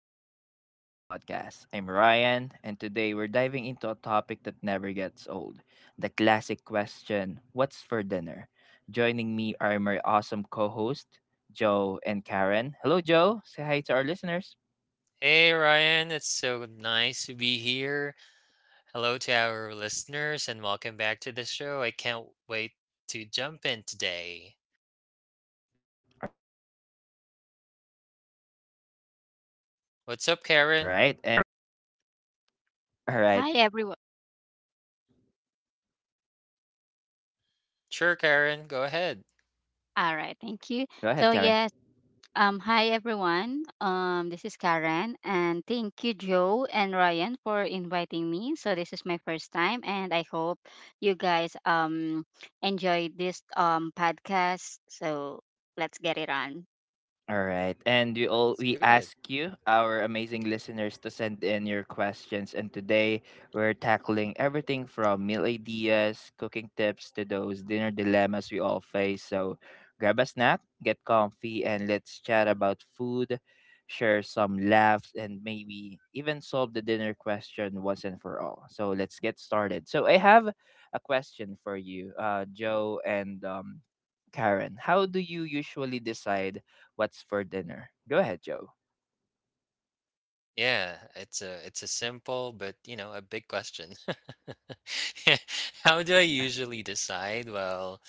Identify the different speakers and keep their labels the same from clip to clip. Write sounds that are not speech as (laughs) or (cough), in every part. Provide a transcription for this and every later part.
Speaker 1: welcome back to the podcast. I'm Ryan, and today we're diving into a topic that never gets old, the classic question, what's for dinner? Joining me are my awesome co host, Joe and Karen. Hello, Joe. Say hi to our listeners.
Speaker 2: Hey Ryan, it's so nice to be here. Hello to our listeners and welcome back to the show. I can't wait to jump in today.
Speaker 1: All right, and I also have here Karen.
Speaker 2: What's up, Karen?
Speaker 1: All right,
Speaker 3: Hi everyone.
Speaker 2: Sure, Karen, go ahead.
Speaker 1: go ahead,
Speaker 3: All right,
Speaker 1: Karen.
Speaker 3: thank you. So yes, hi everyone. This is Karen, and thank you Joe and Ryan for inviting me. So this is my first time, and I hope you guys enjoy this podcast. So let's get it on.
Speaker 1: All right. And we all
Speaker 2: Let's
Speaker 1: we
Speaker 2: do it.
Speaker 1: ask you, our amazing listeners, to send in your questions. And today we're tackling everything from meal ideas, cooking tips, to those dinner dilemmas we all face. So grab a snack, get comfy, and let's chat about food, share some laughs, and maybe even solve the dinner question once and for all. So let's get started. So I have a question for you, Joe and Karen. How do you usually decide? What's for dinner? Go ahead, Joe.
Speaker 2: Yeah, it's a simple but you know a big question. (laughs) How do I usually decide? Well,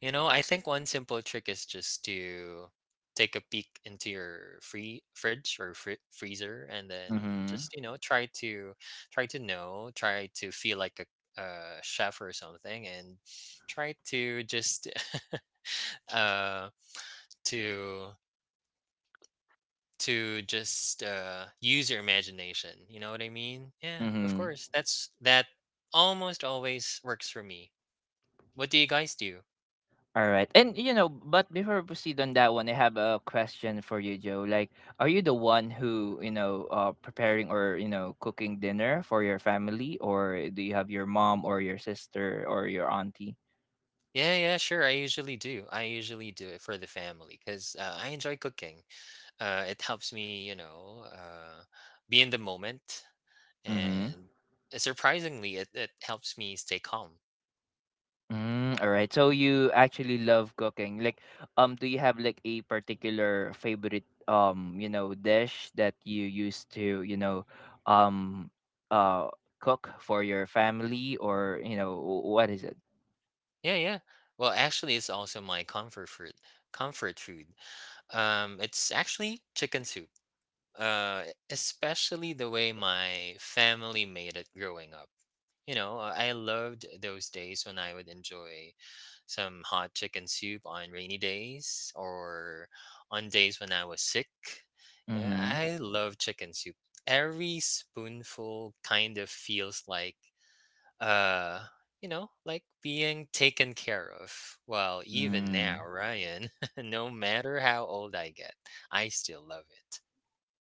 Speaker 2: you know, I think one simple trick is just to take a peek into your free fridge or fri freezer, and then
Speaker 1: Mm-hmm.
Speaker 2: just you know try to try to feel like a chef or something, and try to just (laughs) uh to to just, use your imagination, you know what I mean? Yeah, of
Speaker 1: Mm-hmm.
Speaker 2: course, that almost always works for me. What do you guys do?
Speaker 1: All right. And you know, but before we proceed on that one, I have a question for you, Joe. Like, are you the one who, you know, preparing or, you know, cooking dinner for your family, or do you have your mom or your sister or your auntie?
Speaker 2: Yeah, yeah, sure, I usually do. I usually do it for the family 'cause, I enjoy cooking. It helps me, you know, be in the moment,
Speaker 1: Mm-hmm.
Speaker 2: and surprisingly, it helps me stay calm.
Speaker 1: Mm, all right. So you actually love cooking. Like, do you have like a particular favorite you know, dish that you used to, you know, um, uh, cook for your family, or you know, what is it?
Speaker 2: Yeah, yeah. Well, actually, it's also my comfort food. It's actually chicken soup. uh, Especially the way my family made it growing up. You know, I loved those days when I would enjoy some hot chicken soup on rainy days or on days when I was sick. Yeah,
Speaker 1: Mm-hmm.
Speaker 2: I love chicken soup. Every spoonful kind of feels like, uh, you know, like being taken care of. Well, even
Speaker 1: Mm.
Speaker 2: now, Ryan, (laughs) no matter how old I get, I still love it.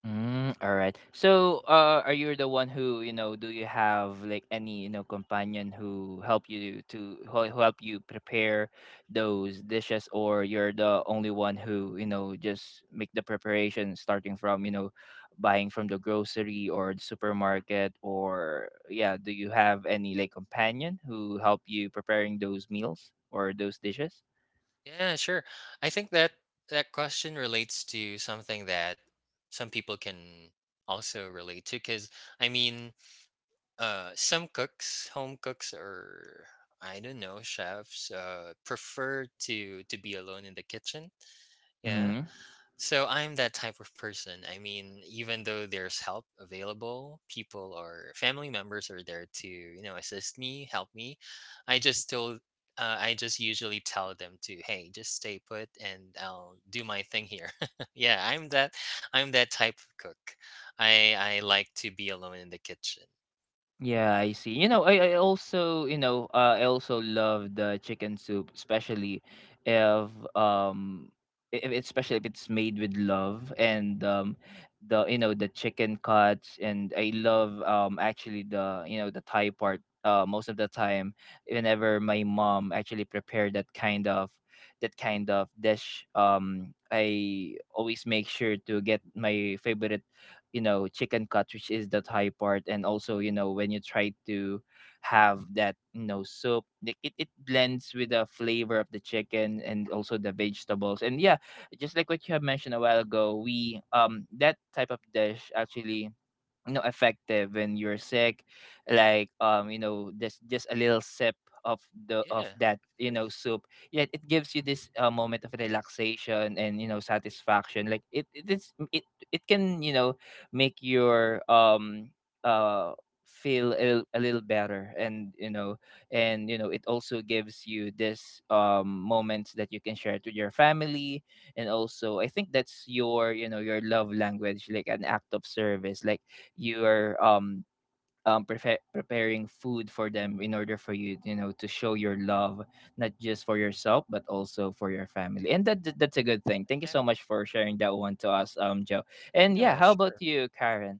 Speaker 1: Mm, all right. So, are you the one who, you know, do you have like any, you know, companion who help you to who help you prepare those dishes, or you're the only one who, you know, just make the preparation starting from, you know, buying from the grocery or the supermarket, or yeah, do you have any like companion who help you preparing those meals or those dishes?
Speaker 2: Yeah, sure. I think that question relates to something that some people can also relate to because I mean, some cooks, home cooks, or I don't know, chefs, prefer to be alone in the kitchen. Yeah, so I'm that type of person. I mean, even though there's help available, people or family members are there to, you know, assist me, help me. I just still, I just usually tell them to, hey, just stay put, and I'll do my thing here. (laughs) Yeah, I'm that type of cook. I like to be alone in the kitchen.
Speaker 1: Yeah, I see. You know, I also, you know, I also love the chicken soup, especially if um if especially if it's made with love, and the, you know, the chicken cuts. And I love, actually, the, you know, the Thai part, most of the time whenever my mom actually prepared that kind of, that kind of dish, I always make sure to get my favorite, you know, chicken cut, which is the thai part. And also, you know, when you try to have that, you know, soup, like, it blends with the flavor of the chicken and also the vegetables. And yeah, just like what you have mentioned a while ago, we, that type of dish, actually, you know, effective when you're sick. Like, you know, just a little sip of the, of
Speaker 2: Yeah,
Speaker 1: that,
Speaker 2: of
Speaker 1: you know,
Speaker 2: course,
Speaker 1: soup, yet it gives you this moment of relaxation and, you know, satisfaction. Like, it it can, you know, make your uh feel a little better. And, you know, it also gives you this moments that you can share to your family. And also, I think that's your, you know, your love language, like an act of service. Like, you're preparing food for them in order for you, you know, to show your love, not just for yourself but also for your family. And that, that's a good thing. Thank you so
Speaker 2: exactly.
Speaker 1: much for sharing that one to us, Joe. And yeah,
Speaker 2: Yeah,
Speaker 1: how about
Speaker 2: sure.
Speaker 1: you, Karen?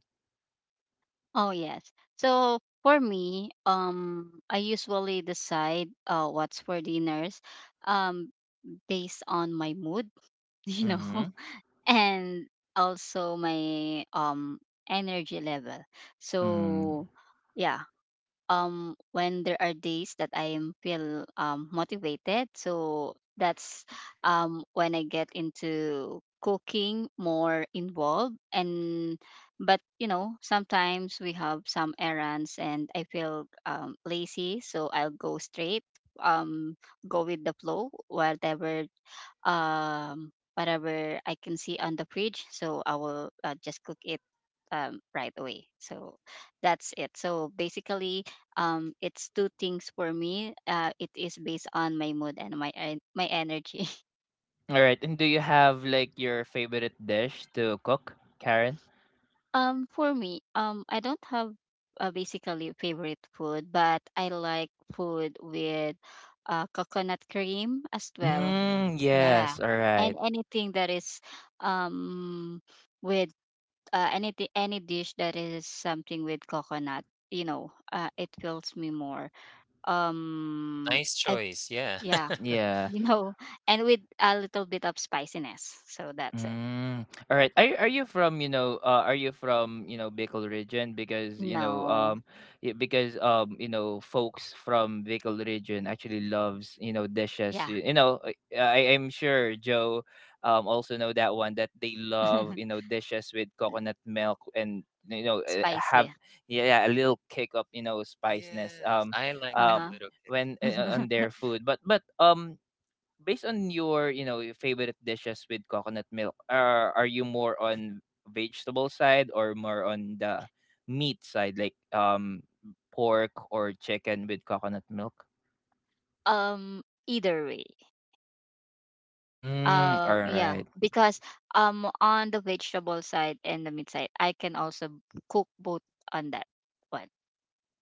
Speaker 3: Oh yes. So for me, I usually decide what's for dinners, um, based on my mood. (laughs) You
Speaker 1: Mm-hmm,
Speaker 3: know, and also my energy level
Speaker 1: mm-hmm.
Speaker 3: so yeah, when there are days that I am feel motivated, so that's when I get into cooking more involved. And but you know, sometimes we have some errands and I feel lazy, so I'll go straight, um go with the flow, whatever, whatever I can see on the fridge. So I will just cook it right away. So that's it. So basically, it's two things for me. It is based on my mood and my energy.
Speaker 1: All right, and do you have like your favorite dish to cook, Karen?
Speaker 3: (laughs) For me, I don't have basically favorite food, but I like food with coconut cream as well.
Speaker 1: Mm,
Speaker 3: Yeah,
Speaker 1: yes. All
Speaker 3: and
Speaker 1: right,
Speaker 3: anything that is um with any dish that is something with coconut, you know, it fills me more. Um
Speaker 2: Nice
Speaker 3: I
Speaker 2: choice. Yeah.
Speaker 3: Yeah,
Speaker 2: (laughs)
Speaker 1: yeah.
Speaker 3: you know, (laughs) and with a little bit of spiciness, so that's it.
Speaker 1: Mm. All right. Are you from, you know, are you from, you know, Bicol region? Because, you know,
Speaker 3: No.
Speaker 1: because you know, folks from Bicol region actually loves, you know, dishes.
Speaker 3: Yeah.
Speaker 1: You know, I'm sure Joe also know that one, that they love, you know,
Speaker 3: (laughs)
Speaker 1: dishes with coconut milk. And you know,
Speaker 3: Spicy.
Speaker 1: have yeah, a little kick of, you know, spiciness.
Speaker 2: Yes, I like
Speaker 1: Um
Speaker 2: that
Speaker 3: Uh-huh.
Speaker 2: little kick.
Speaker 1: when on
Speaker 3: (laughs)
Speaker 1: their food. But based on your, you know, your favorite dishes with coconut milk, are you more on vegetable side or more on the meat side, like pork or chicken with coconut milk?
Speaker 3: Either way.
Speaker 1: Mm, all
Speaker 3: Yeah,
Speaker 1: right.
Speaker 3: because, on the vegetable side and the meat side, I can also cook both on that one.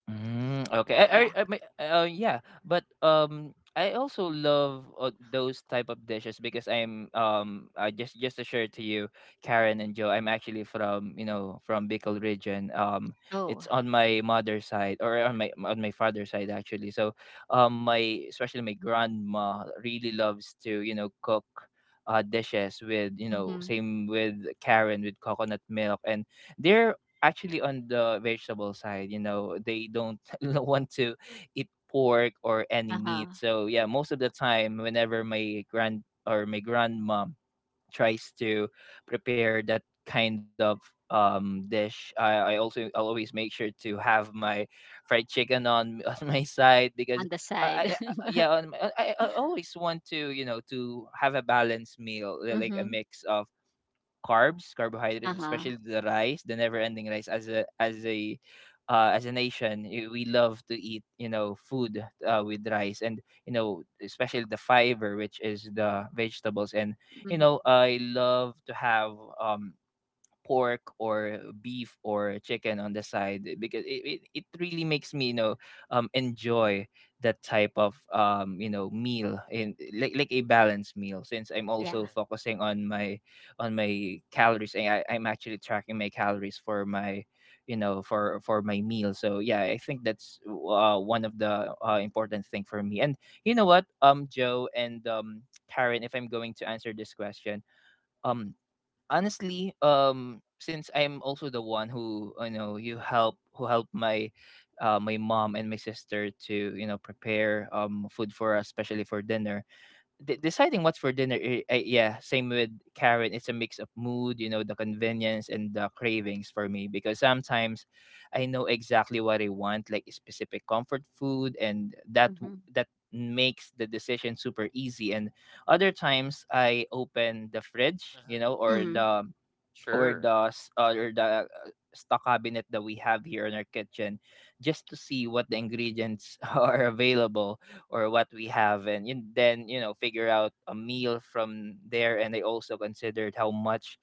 Speaker 1: Mm, okay. I, I,
Speaker 3: Yeah.
Speaker 1: I, yeah, but I also love those type of dishes because I'm, I, just to share to you, Karen and Joe, I'm actually from, you know, from Bicol region.
Speaker 3: Oh.
Speaker 1: It's on my
Speaker 2: Hmm.
Speaker 1: mother's side, or on my father's side, actually. So, my, especially my grandma, really loves to, you know, cook. Dishes with, you know,
Speaker 3: Mm-hmm.
Speaker 1: same with Karen, with coconut milk. And they're actually on the vegetable side. You know, they don't (laughs) want to eat pork or any meat.
Speaker 3: Uh-huh.
Speaker 1: So yeah, most of the time, whenever my grand, or my grandmom, tries to prepare that kind of dish, I also I'll always make sure to have my fried chicken on (laughs) on my side, because.
Speaker 3: On the side. (laughs)
Speaker 1: Yeah, I always want to, you know, to have a balanced meal, like a
Speaker 3: Mm-hmm.
Speaker 1: mix of carbs, carbohydrates,
Speaker 3: Uh-huh.
Speaker 1: especially the rice, the never-ending rice. As a as a nation, we love to eat, you know, food, with rice. And you know, especially the fiber, which is the vegetables. And, you
Speaker 3: Mm-hmm.
Speaker 1: know, I love to have um pork or beef or chicken on the side, eh, because it really makes me, you know, enjoy that type of you know, meal, in like a balanced meal, since I'm also
Speaker 3: Yeah.
Speaker 2: Yeah.
Speaker 1: focusing on my calories. And I'm actually tracking my calories for my, you know, for my meal. So yeah, I think that's one of the important thing for me. And you know what, Joe, and Karen, if I'm going to answer this question, um honestly, since I'm also the one who, you know, you help who helped my my mom and my sister to, you know, prepare food for us, especially for dinner. Deciding what's for dinner, yeah, same with Karen. It's a mix of mood, you know, the convenience and the cravings. For me, because sometimes I know exactly what I want, like specific comfort food, and that,
Speaker 3: Mm-hmm.
Speaker 1: that makes the decision super easy. And other times, I open the fridge, you
Speaker 2: Uh-huh.
Speaker 1: know, or
Speaker 3: Mm-hmm.
Speaker 1: the, or
Speaker 2: Sure.
Speaker 1: the or the, stock cabinet that we have here in our kitchen, just to see what the ingredients (laughs) are available, or what we have, and then, you know, figure out a meal from there. And I also considered how much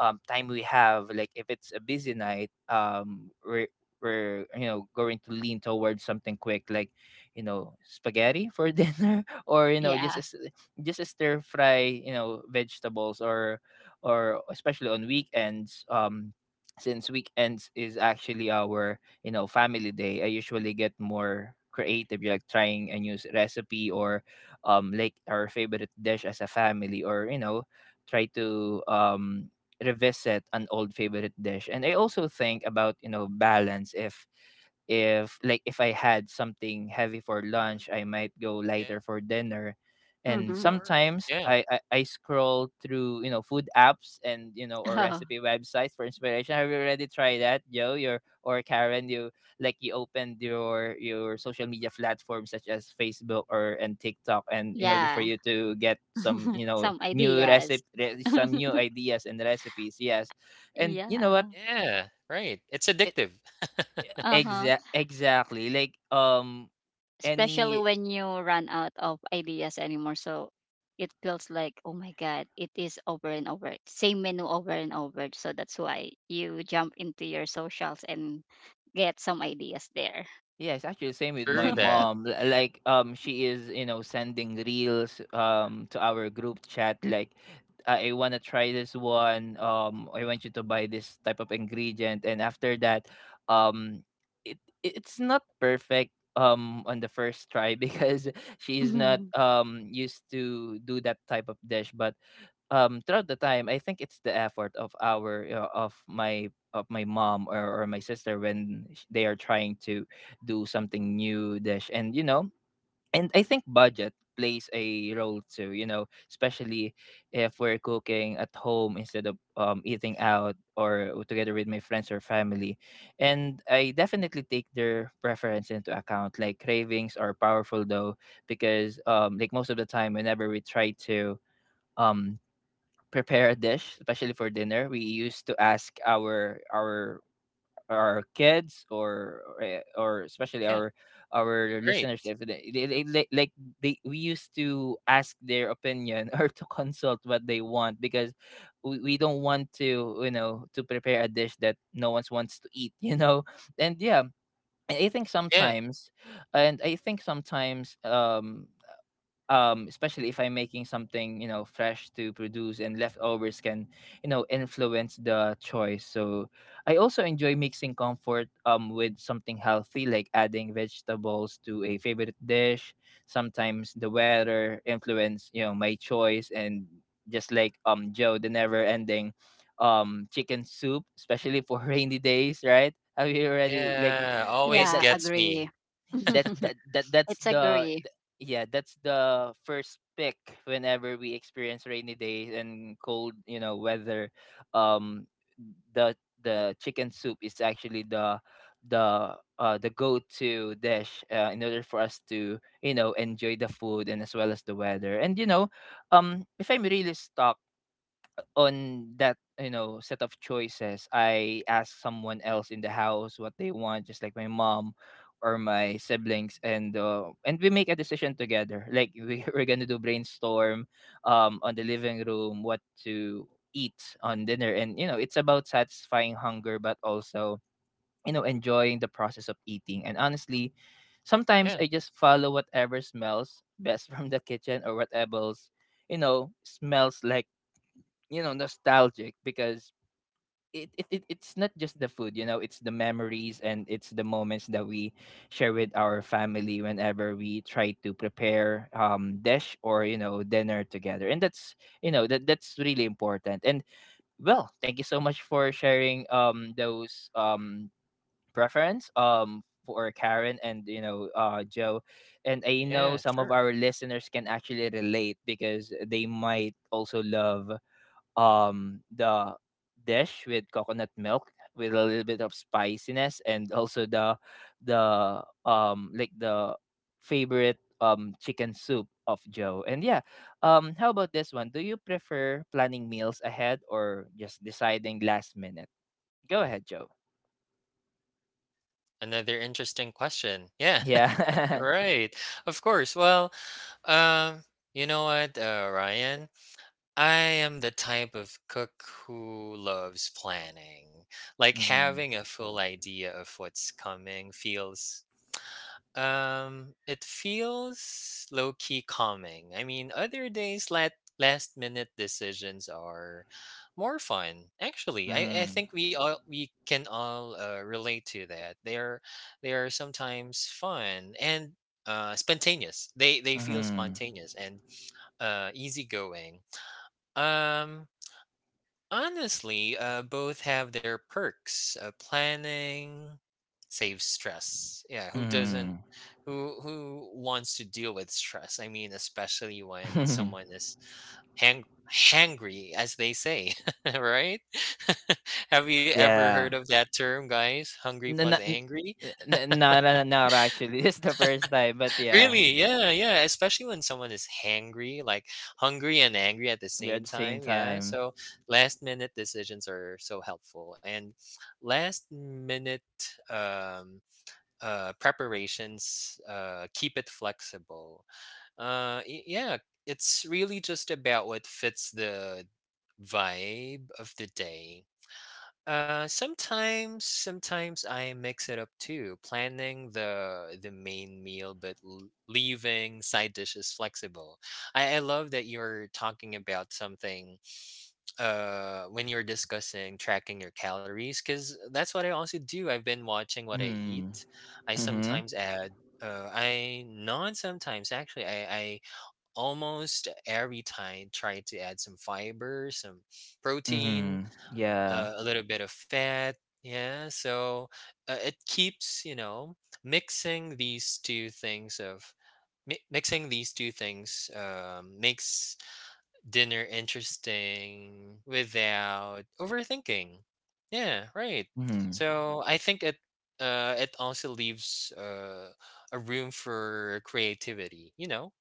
Speaker 1: time we have. Like if it's a busy night, we're you know, going to lean towards something quick, like, you know, spaghetti for (laughs) dinner, or you know, just
Speaker 3: Yeah.
Speaker 1: a s just a stir fry, you know, vegetables. Or especially on weekends, since weekends is actually our, you know, family day, I usually get more creative, like trying a new recipe, or like our favorite dish as a family, or you know, try to revisit an old favorite dish. And I also think about, you know, balance. If, like, if I had something heavy for lunch,
Speaker 2: Mhm.
Speaker 1: I might go lighter
Speaker 2: Yeah,
Speaker 1: for dinner. And
Speaker 2: of
Speaker 3: Mm-hmm. (laughs)
Speaker 2: course.
Speaker 1: sometimes
Speaker 2: Yeah.
Speaker 1: I scroll through, you know, food apps and, you know, or
Speaker 3: Oh,
Speaker 1: recipe websites for inspiration. Have you already tried that, Joe, your, or Karen? You, like, you opened your social media platforms such as Facebook, or, and TikTok, and in order for
Speaker 3: yeah.
Speaker 1: you to get some, you know,
Speaker 3: Some
Speaker 1: new
Speaker 3: ideas.
Speaker 1: recipe, some
Speaker 3: (laughs)
Speaker 1: new ideas and recipes? Yes. And you know what,
Speaker 3: Yeah.
Speaker 2: Yeah, right. It's
Speaker 1: it,
Speaker 2: addictive. (laughs)
Speaker 3: Uh-huh.
Speaker 1: exactly. Like,
Speaker 3: Especially
Speaker 1: any,
Speaker 3: when you run out of ideas anymore. So it feels like, oh my God, it is over and over. Same menu over and over. So that's why you jump into your socials and get some ideas there.
Speaker 1: yeah, it's actually the same with my
Speaker 2: True
Speaker 3: (laughs)
Speaker 2: that.
Speaker 1: mom. Like, she is, you know, sending reels, to our group chat. Like, I want to try this one. I want you to buy this type of ingredient. And after that, um, it, it's not perfect, on the first try (laughs) because she's not,
Speaker 3: Mhm.
Speaker 1: used to do that type of dish. But throughout the time, I think it's the effort of our, of my mom, or my sister when they are trying to do something new dish, and you know and I think budget plays a role too, you know, especially if we're cooking at home instead of eating out or together with my friends or family. And I definitely take their preference into account. Like, cravings are powerful though, because like most of the time whenever we try to um prepare a dish, especially for dinner, we used to ask our our kids or or especially
Speaker 2: Yeah,
Speaker 1: our
Speaker 2: right.
Speaker 1: listeners if they like they we used to ask their opinion (laughs) or to consult what they want, because we don't want to, to prepare a dish that no one wants to eat. (laughs) And yeah, I think
Speaker 2: Yeah.
Speaker 1: sometimes and i think sometimes um especially if I'm making something, you know, fresh to produce, and leftovers can, influence the choice. So I also enjoy mixing comfort with something healthy, like adding vegetables to a favorite dish. Sometimes the weather influence, you know, my choice. And just like Joe, the never-ending chicken soup, especially for (laughs) rainy days, right? Have you already like
Speaker 2: Yeah,
Speaker 1: that
Speaker 2: always
Speaker 1: that
Speaker 3: Yeah,
Speaker 2: gets
Speaker 3: agree.
Speaker 2: me.
Speaker 3: (laughs)
Speaker 1: that's
Speaker 3: It's agree.
Speaker 1: yeah, that's the first pick whenever we experience rainy days and cold, you know, weather. um the chicken soup is actually the the go-to dish, in order for us to, you know, enjoy the food, and as well as the weather. And you know, if I'm really stuck on that, you know, set of choices, I ask someone else in the house what they want, just like my mom or my siblings. And and we make a decision together, like we, (laughs) we're gonna do brainstorm on the living room what to eat on dinner. And you know, it's about satisfying hunger, but also, you know, enjoying the process of eating. And honestly, sometimes I
Speaker 2: Yeah,
Speaker 1: just follow whatever smells best (laughs) from the kitchen, or whatever's, you know, smells like, you know, nostalgic, because it's not just the food, you know, it's the memories and it's the moments that we share with our family whenever we try to prepare dish or, you know, dinner together. And that's, you know, that's really important. And well, thank you so much for sharing those preference for Karen, and you know, Joe. And I know
Speaker 2: yeah,
Speaker 1: some of
Speaker 2: sure.
Speaker 1: our listeners can actually relate, because they might also love the dish with coconut milk, with a little bit of spiciness, and also the like the favorite chicken soup of Joe. And yeah, how about this one? Do you prefer planning meals ahead or just deciding last minute? Go ahead, Joe.
Speaker 2: Another interesting question. Yeah, (laughs)
Speaker 1: Yeah. (laughs)
Speaker 2: right. Of course. Well, um, you know what, Ryan? I am the type of cook who loves planning. Like
Speaker 1: Mm-hmm.
Speaker 2: having a full idea of what's coming feels It feels low key calming. I mean, other days, let last minute decisions are more fun. Actually, I
Speaker 1: Mm-hmm.
Speaker 2: think we can all relate to that. They are sometimes fun and spontaneous. They feel spontaneous and easygoing. Um, honestly, both have their perks. Planning saves stress. Yeah, who doesn't?
Speaker 1: Mm-hmm.
Speaker 2: Who wants to deal with stress? I mean, especially when someone
Speaker 1: (laughs)
Speaker 2: is hang hangry, as they say, (laughs) right? (laughs) Have you ever heard
Speaker 1: Yeah.
Speaker 2: of that term, guys? Hungry
Speaker 1: No,
Speaker 2: plus
Speaker 1: no,
Speaker 2: angry?
Speaker 1: no, no, no, actually, (laughs) this is the first time, but yeah.
Speaker 2: Really? Yeah, yeah. Especially when someone is hangry, like hungry and angry at the
Speaker 1: Yeah, at
Speaker 2: same
Speaker 1: the same
Speaker 2: time. Yeah.
Speaker 1: time.
Speaker 2: So last minute decisions are so helpful, and last minute um, preparations keep it flexible. Yeah, it's really just about what fits the vibe of the day. Sometimes I mix it up too, planning the main meal but leaving side dishes flexible. I love that you're talking about something when you're discussing tracking your calories because that's what I also do. I've been watching what I
Speaker 1: Hmm.
Speaker 2: eat. I
Speaker 1: Mm-hmm.
Speaker 2: sometimes add I not sometimes actually I almost every time try to add some fiber, some protein,
Speaker 1: Mm-hmm. Yeah.
Speaker 2: a little bit of fat. Yeah, so it keeps you know mixing these two things of mixing these two things makes dinner interesting without overthinking. Yeah, right.
Speaker 1: Mm-hmm.
Speaker 2: So I think it also leaves a room for creativity. You know,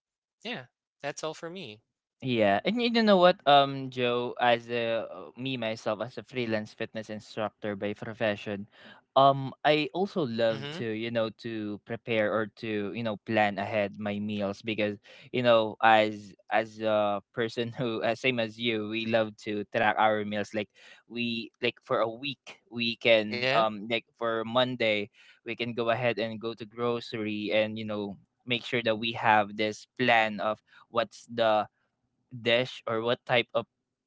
Speaker 2: yeah, that's all for me.
Speaker 1: Yeah, and you know what, Joe, as a me myself as a freelance fitness instructor by profession, I also love to,
Speaker 2: Mhm.
Speaker 1: you know, to prepare or to, you know, plan ahead my meals, because you know, as a person (laughs) who same as you, we love to track our meals. Like, we like for a week, we can
Speaker 2: Yeah,
Speaker 1: like for Monday, we can go ahead and go to grocery, and you know, make sure that we have this plan of what's the dish, or what type of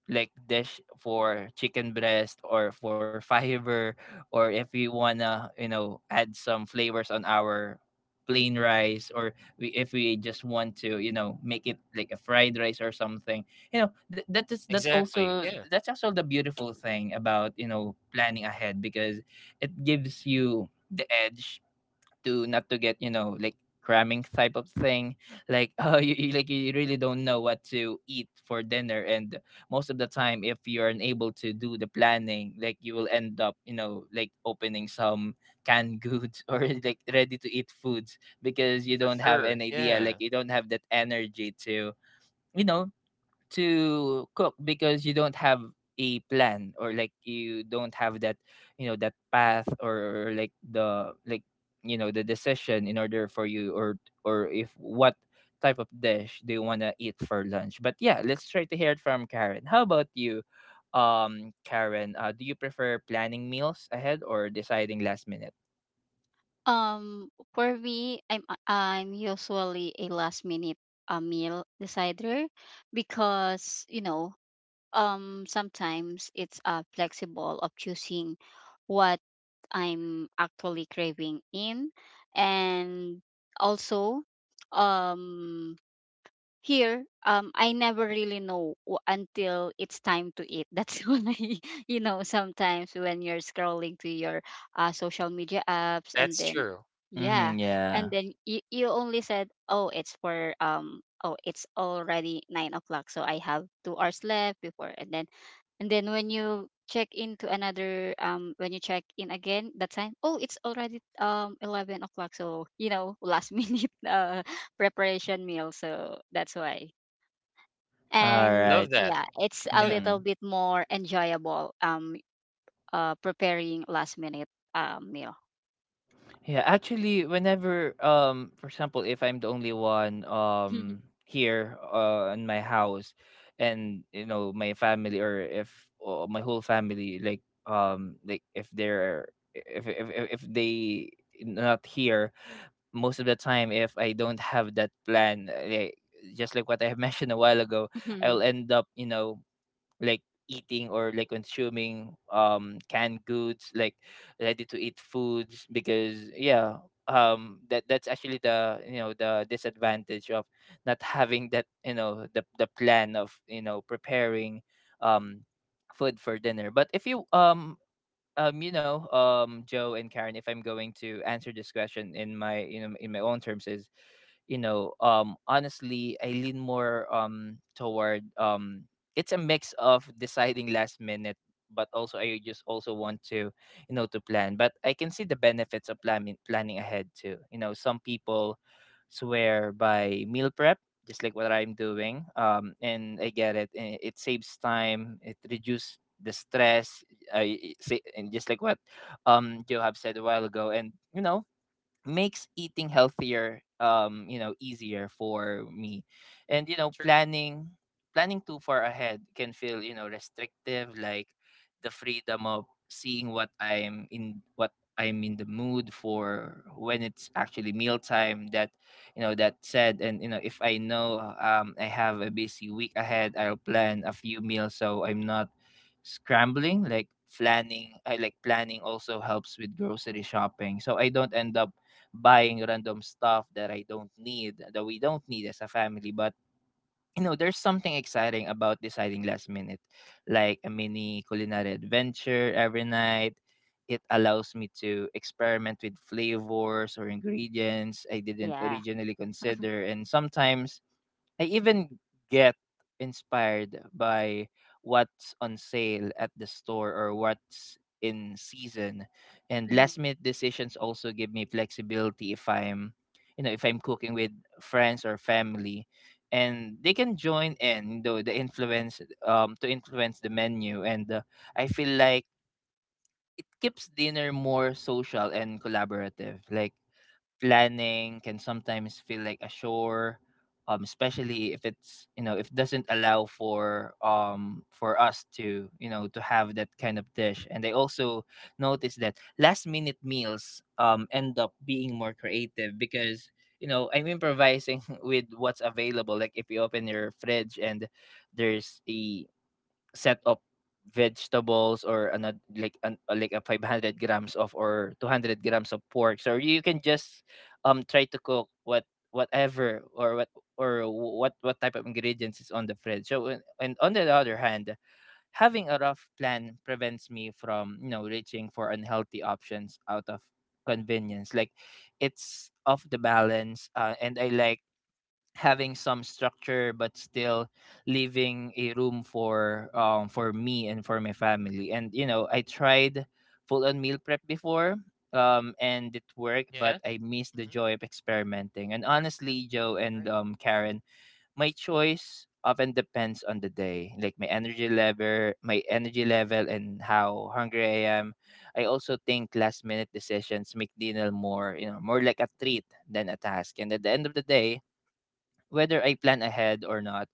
Speaker 1: like dish for chicken breast or for fiber, or if we wanna, you know, add some flavors on our plain rice, or if we just want to, you know, make it like a fried rice or something. You know, that is, that's
Speaker 2: exactly.
Speaker 1: also,
Speaker 2: Yeah,
Speaker 1: that's also the beautiful thing about, you know, planning ahead, because it gives you the edge to not to get, you know, like cramming type of thing. Like (laughs) oh, you like you really don't know what to eat for dinner. And most of the time, if you're unable to do the planning, like you will end up, you know, like opening some canned goods (laughs) or like ready to eat foods, because you
Speaker 2: for
Speaker 1: don't have an
Speaker 2: sure.
Speaker 1: idea, like
Speaker 2: Yeah,
Speaker 1: you don't have that energy to, you know, to cook, because you don't have a plan, or like you don't have that, you know, that path, or like the like, you know, the decision in order for you, or if what type of dish do you want to eat for lunch. But yeah, let's try to hear it from Karen. How about you, Karen? Do you prefer planning meals ahead or deciding last minute?
Speaker 3: Um, for me, I'm usually a last minute meal decider, because you know, sometimes it's flexible of choosing what I'm actually craving in. And also, um here, I never really know until it's time to eat. (laughs) That's when I, you know, sometimes when you're scrolling to your social media apps, and
Speaker 2: that's
Speaker 3: then,
Speaker 2: true.
Speaker 3: yeah,
Speaker 1: Mm-hmm,
Speaker 3: and
Speaker 1: yeah.
Speaker 3: then you only said, oh, it's for, oh, it's already 9 o'clock. So I have 2 hours left before. And then when you check into another, when you check in again that time, oh, it's already 11 o'clock, so you know, last (laughs) minute preparation meal. So that's why.
Speaker 1: All
Speaker 3: And
Speaker 2: Love
Speaker 1: right.
Speaker 2: that.
Speaker 3: yeah, it's a
Speaker 2: Yeah.
Speaker 3: little bit more enjoyable, preparing last minute meal.
Speaker 1: Yeah, actually, whenever, for example, if I'm the only one,
Speaker 3: (laughs)
Speaker 1: here, in my house, and you know, my family, or if my whole family, like if they're if they not here, most of the time, if I don't have that plan, like, just like what I (laughs) have mentioned a while ago,
Speaker 3: Mhm.
Speaker 1: I'll end up, you know, like eating or like consuming canned goods like ready to eat foods, because yeah, that's actually the, you know, the disadvantage of not having that, you know, the plan of, you know, preparing um food for dinner. But if you you know, Joe and Karen, if I'm going to answer this question in my, you know, in my own terms, is you know, honestly, I
Speaker 2: Mhm.
Speaker 1: lean more toward it's a mix of deciding last minute, but also I just also want to, you know, to plan. But I can see the benefits of planning ahead too. You know, some people swear by meal prep, just like what I'm doing, and I get it. And it saves time, it reduces the stress. I say, and just like what Joe have said a while ago, and you know, makes eating healthier, you know, easier for me. And you know,
Speaker 2: True.
Speaker 1: planning too far ahead can feel, you know, restrictive. Like, the freedom of seeing what I'm in the mood for when it's actually mealtime. That You know, that said, and you know, if I know, I have a busy week ahead, I'll plan a few meals so I'm not scrambling. Like, planning I like planning also helps with grocery shopping, so I don't end up buying random stuff that I don't need, that we don't need as a family. But you know, there's something exciting about deciding last minute, like a mini culinary adventure every night. It allows me to experiment with flavors or ingredients I didn't
Speaker 3: Yeah.
Speaker 1: originally consider, and sometimes I even get inspired by what's on sale at the store or what's in season. And
Speaker 3: Mhm.
Speaker 1: last minute decisions also give me flexibility if I'm, you know, if I'm cooking with friends or family. And they can join in the influence to influence the menu. And I feel like it keeps dinner more social and collaborative. Like, planning can sometimes feel like a chore, especially if it's, you know, if doesn't allow for, for us to, you know, to have that kind of dish. And I also noticed that last minute meals end up being more creative, because you know, I'm improvising (laughs) with what's available. Like if you open your fridge and there's a set of vegetables, or another like an, like a 500 grams of, or 200 grams of pork, so you can just try to cook whatever, or what or wh- what type of ingredients is on the fridge. So and on the other hand, having a rough plan prevents me from, you know, reaching for unhealthy options out of convenience. Like, it's off the balance. And I like having some structure, but still leaving a room for, for me and for my family. And you know, I tried full on meal prep before, and it worked, but
Speaker 2: Yeah.
Speaker 1: I missed the
Speaker 2: Mhm.
Speaker 1: joy of experimenting. And honestly, Joe and,
Speaker 2: Great.
Speaker 1: Karen, my choice often depends on the day. Like, my energy level and how hungry I am. I also think last minute decisions make dinner more, you know, more like a treat than a task. And at the end of the day, whether I plan ahead or not,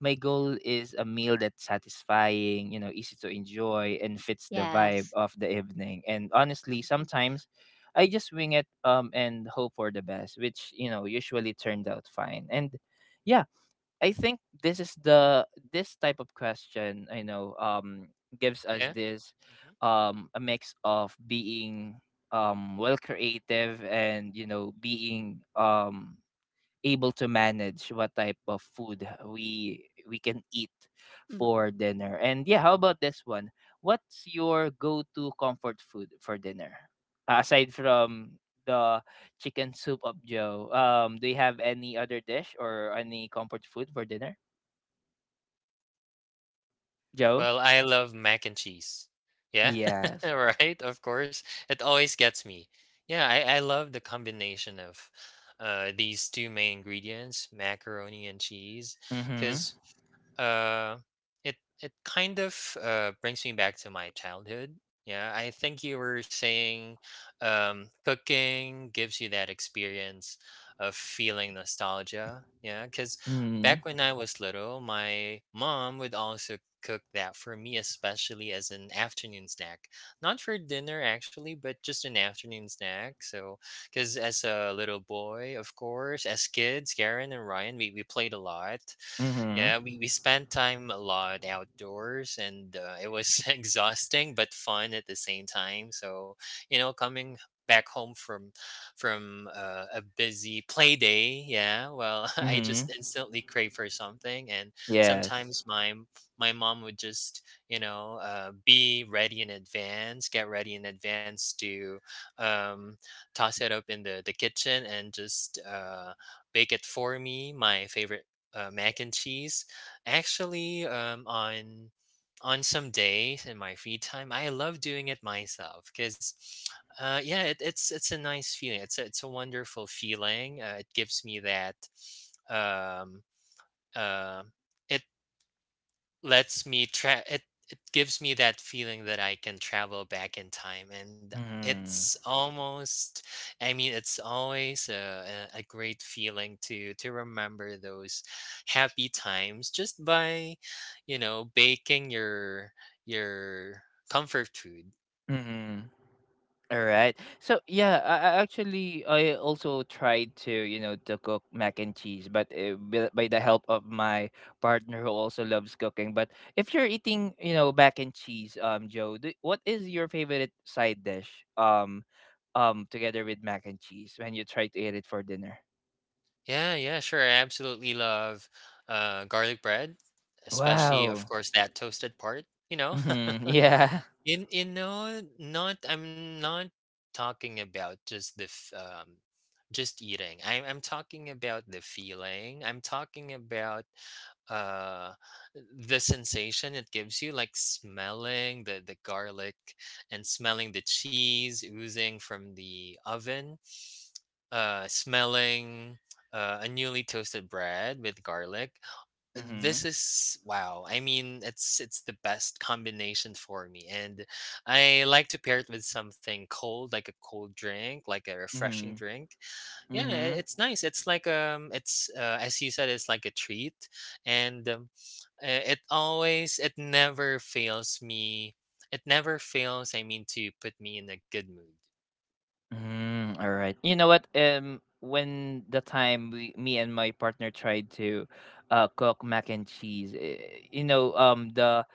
Speaker 1: my goal is a meal that's satisfying, you know, easy to enjoy, and fits the vibe
Speaker 3: Yes.
Speaker 1: of the evening. And honestly,
Speaker 3: Mhm.
Speaker 1: sometimes I just wing it, and hope for the best, which, you know, usually turned out fine. And yeah, I think this is the, this type of question, I know, gives us
Speaker 2: Yeah.
Speaker 1: this
Speaker 2: Mhm.
Speaker 1: a mix of being well, creative, and you know, being able to manage what type of food we can eat
Speaker 3: Mhm.
Speaker 1: for dinner. And yeah, how about this one? What's your go-to comfort food for dinner? Aside from the chicken soup of Joe, do you have any other dish or any comfort food for dinner, Joe?
Speaker 2: Well, I love mac and cheese. Yeah, (laughs)
Speaker 1: Yes.
Speaker 2: right, of course. It always gets me. Yeah, I love the combination of these two main ingredients, macaroni and cheese,
Speaker 1: Mm-hmm.
Speaker 2: because uh, it kind of brings me back to my childhood. Yeah, I think you were saying cooking gives you that experience of feeling nostalgia. Yeah, because
Speaker 1: Mm-hmm.
Speaker 2: back when I was little, my mom would also cook that for me, especially as an afternoon snack. Not for dinner, actually, but just an afternoon snack. So, because as a little boy, of course, as kids, Karen and Ryan, we played a lot.
Speaker 1: Mm-hmm.
Speaker 2: Yeah, we spent time a lot outdoors and it was (laughs) exhausting but fun at the same time. So, you know, coming back home from a busy play day, yeah, well, (laughs) I
Speaker 1: Mm-hmm.
Speaker 2: just instantly crave for something and
Speaker 1: Yes.
Speaker 2: sometimes my mom would just, you know, be ready in advance, get ready in advance to um, toss it up in the kitchen and just bake it for me my favorite mac and cheese. Actually, on some days in my free time, I love doing it myself because, yeah, it's a nice feeling. It's a wonderful feeling. It gives me that. Um, uh, it lets me tra it gives me that feeling that I can travel back in time and
Speaker 1: Mm-hmm.
Speaker 2: it's almost I mean it's always a great feeling to remember those happy times just by you know baking your comfort food.
Speaker 1: Mm-hmm. All right. So yeah, I actually I also tried to, you know, to cook mac and cheese, but by the help of my partner who also loves cooking. But if you're eating mac and cheese, Joe, what is your favorite side dish? Together with mac and cheese when you try to eat it for dinner.
Speaker 2: Yeah, yeah, sure. I absolutely love garlic bread, especially
Speaker 1: Wow.
Speaker 2: of course that toasted part, you know.
Speaker 1: Mm-hmm. Yeah. (laughs)
Speaker 2: (laughs) You know, not I'm not talking about just just eating. I'm talking about the feeling. I'm talking about uh the sensation it gives you, like smelling the garlic and smelling the cheese oozing from the oven, smelling a newly toasted bread with garlic. This
Speaker 1: Mm-hmm.
Speaker 2: is wow. I mean, it's the best combination for me, and I like to pair it with something cold, like a cold drink, like a refreshing
Speaker 1: Mm-hmm.
Speaker 2: drink. Yeah,
Speaker 1: Mm-hmm.
Speaker 2: it's nice. It's like it's as you said, it's like a treat, and uh, it always, it never fails me. It never fails. I mean, to put me in a good mood.
Speaker 1: All right. You know what? When the time me and my partner tried to, cook mac and cheese, you know, the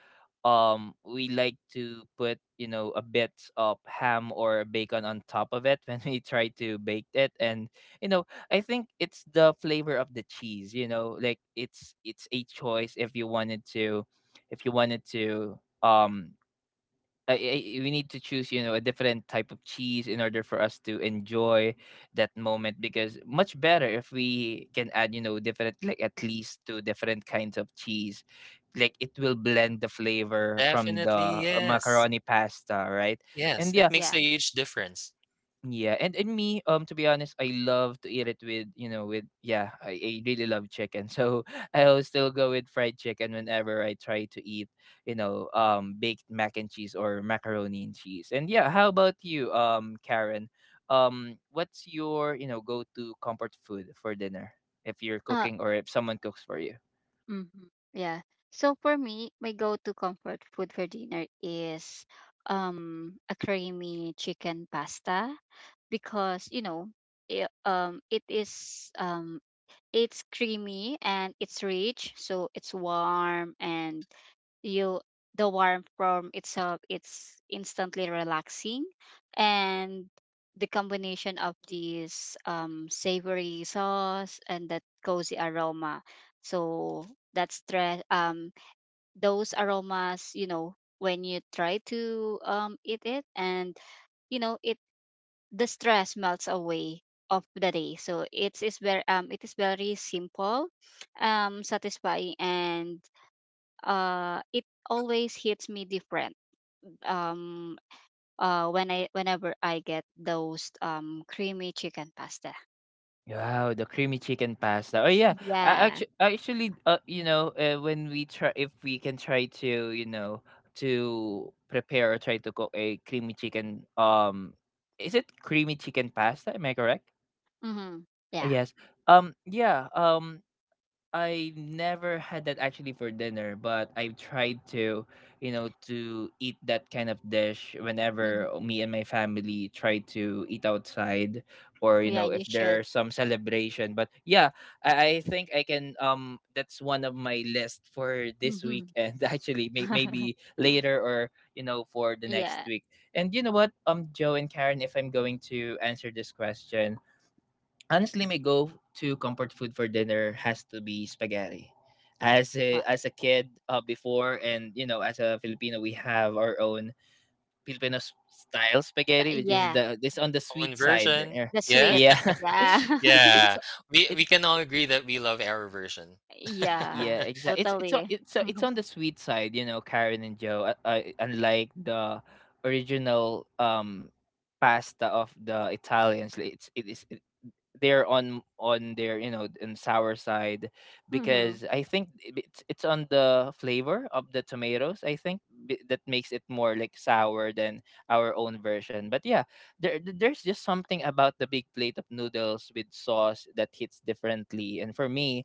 Speaker 1: we like to put a bit of ham or bacon on top of it (laughs) when we try to bake it, and you know, I think it's the flavor of the cheese. You know, like it's a choice if you wanted to, if you wanted to we need to choose, you know, a different type of cheese in order for us to enjoy that moment. Because much better if we can add, you know, different, like at least two different kinds of cheese. Like it will blend the flavor from the
Speaker 2: Definitely, yes,
Speaker 1: macaroni pasta, right?
Speaker 2: yes.
Speaker 1: And yeah,
Speaker 2: It makes
Speaker 3: Yeah.
Speaker 2: a huge difference.
Speaker 1: yeah, and me, to be honest, I love to eat it with yeah, I really love chicken, so (laughs) I'll still go with fried chicken whenever I try to eat baked mac and cheese or macaroni and cheese. And yeah, how about you, Karen? What's your go to comfort food for dinner if you're cooking or if someone cooks for you?
Speaker 3: Mm-hmm. Yeah. So for me, my go-to comfort food for dinner is a creamy chicken pasta, because you know, it, um it is um it's creamy and it's rich, so it's warm. And you The warmth from itself, it's instantly relaxing, and the combination of these savory sauce and that cozy aroma, so that's stress those aromas, you know, when you try to eat it, and you know, it the stress melts away of the day. So it's is very it is very simple, satisfying, and it always hits me different, um whenever I get those creamy chicken pasta.
Speaker 1: Wow, the creamy chicken pasta. Oh yeah,
Speaker 3: Yeah.
Speaker 1: actually, you know, when we try, if we can try to, you know, to prepare or try to cook a creamy chicken. Is it creamy chicken pasta? Am I correct?
Speaker 3: Mm-hmm.
Speaker 1: Oh,
Speaker 3: Yeah.
Speaker 1: yes. Yeah. I never had that actually for dinner, but I've tried to, you know, to eat that kind of dish
Speaker 3: Mm-hmm.
Speaker 1: whenever me and my family try to eat outside or, you
Speaker 3: Yeah,
Speaker 1: know,
Speaker 3: you
Speaker 1: if
Speaker 3: should.
Speaker 1: there's some celebration. But yeah, I think I can that's one of my list for this weekend (laughs) actually,
Speaker 3: Mm-hmm. (laughs)
Speaker 1: maybe later or, you know, for the next
Speaker 3: Yeah.
Speaker 1: week. And you know what, Joe and Karen, if I'm going to answer this question, honestly, my go-to comfort food for dinner
Speaker 2: Mhm.
Speaker 1: has to be spaghetti.
Speaker 3: Wa-
Speaker 1: As a kid before, and you know, as a Filipino, we have our own Filipino style
Speaker 3: ta-
Speaker 1: spaghetti, which is
Speaker 3: yeah,
Speaker 1: the this on the
Speaker 2: Own
Speaker 1: sweet side.
Speaker 2: version,
Speaker 3: the
Speaker 2: yeah.
Speaker 3: sweet.
Speaker 1: Yeah,
Speaker 3: Yeah.
Speaker 1: (laughs) it's
Speaker 3: (laughs)
Speaker 1: it's
Speaker 2: Yeah,
Speaker 1: it.
Speaker 2: we can all agree that we love our version. (laughs)
Speaker 3: Yeah.
Speaker 1: Yeah, exactly.
Speaker 3: Totally.
Speaker 1: It's on
Speaker 3: (laughs)
Speaker 1: the sweet side, you know, Karen and Joe. Unlike the original pasta of the Italians, like, it is they're on their on sour side
Speaker 3: Mm-hmm.
Speaker 1: because I think it's on the flavor of the tomatoes I think that makes it more like sour than our own version. But yeah, there's just something about the big plate of noodles with sauce that hits differently. And for me,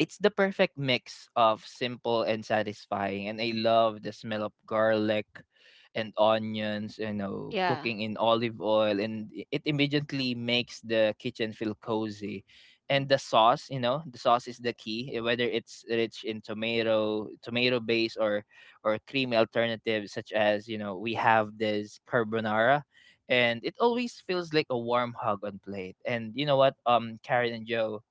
Speaker 1: it's the perfect mix of simple and satisfying, and I love the smell of garlic and onions, you know,
Speaker 3: Yeah.
Speaker 1: cooking in olive oil, and it immediately makes the kitchen feel cozy.
Speaker 3: Mm.
Speaker 1: And the sauce, you know, the sauce is the key, whether it's rich in tomato base or creamy alternatives such as, you know, we have this carbonara and it always feels like a warm hug on plate. And you know what, Karen and Joe,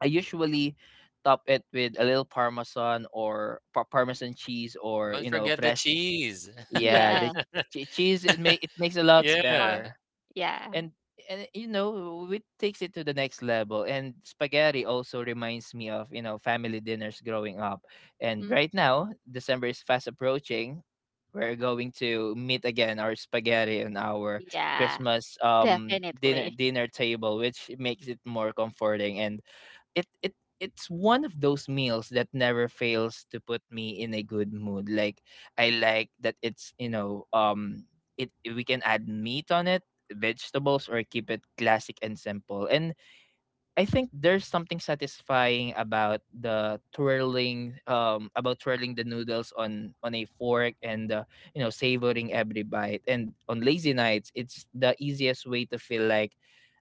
Speaker 1: I usually top it with a little parmesan or parmesan cheese or
Speaker 2: Don't
Speaker 1: you know
Speaker 2: forget the
Speaker 1: fresh.
Speaker 2: cheese.
Speaker 1: Yeah, the
Speaker 3: Yeah,
Speaker 2: (laughs)
Speaker 1: cheese it makes a lot
Speaker 3: it's more.
Speaker 2: Yeah.
Speaker 1: better,
Speaker 3: Yeah.
Speaker 1: and and you know it takes it to the next level. And spaghetti also reminds me of you know family dinners growing up, and right
Speaker 3: Mm.
Speaker 1: now December is fast approaching. We're going to meet again our spaghetti and our
Speaker 3: Yeah.
Speaker 1: Christmas dinner
Speaker 3: Definitely.
Speaker 1: dinner table, which makes it more comforting and it it it's one of those meals that never fails to put me in a good mood. Like I like that it's it we can add meat on it, vegetables, or keep it classic and simple. And I think there's something satisfying about the twirling about twirling the noodles on a fork and you know savoring every bite. And on lazy nights, it's the easiest way to feel like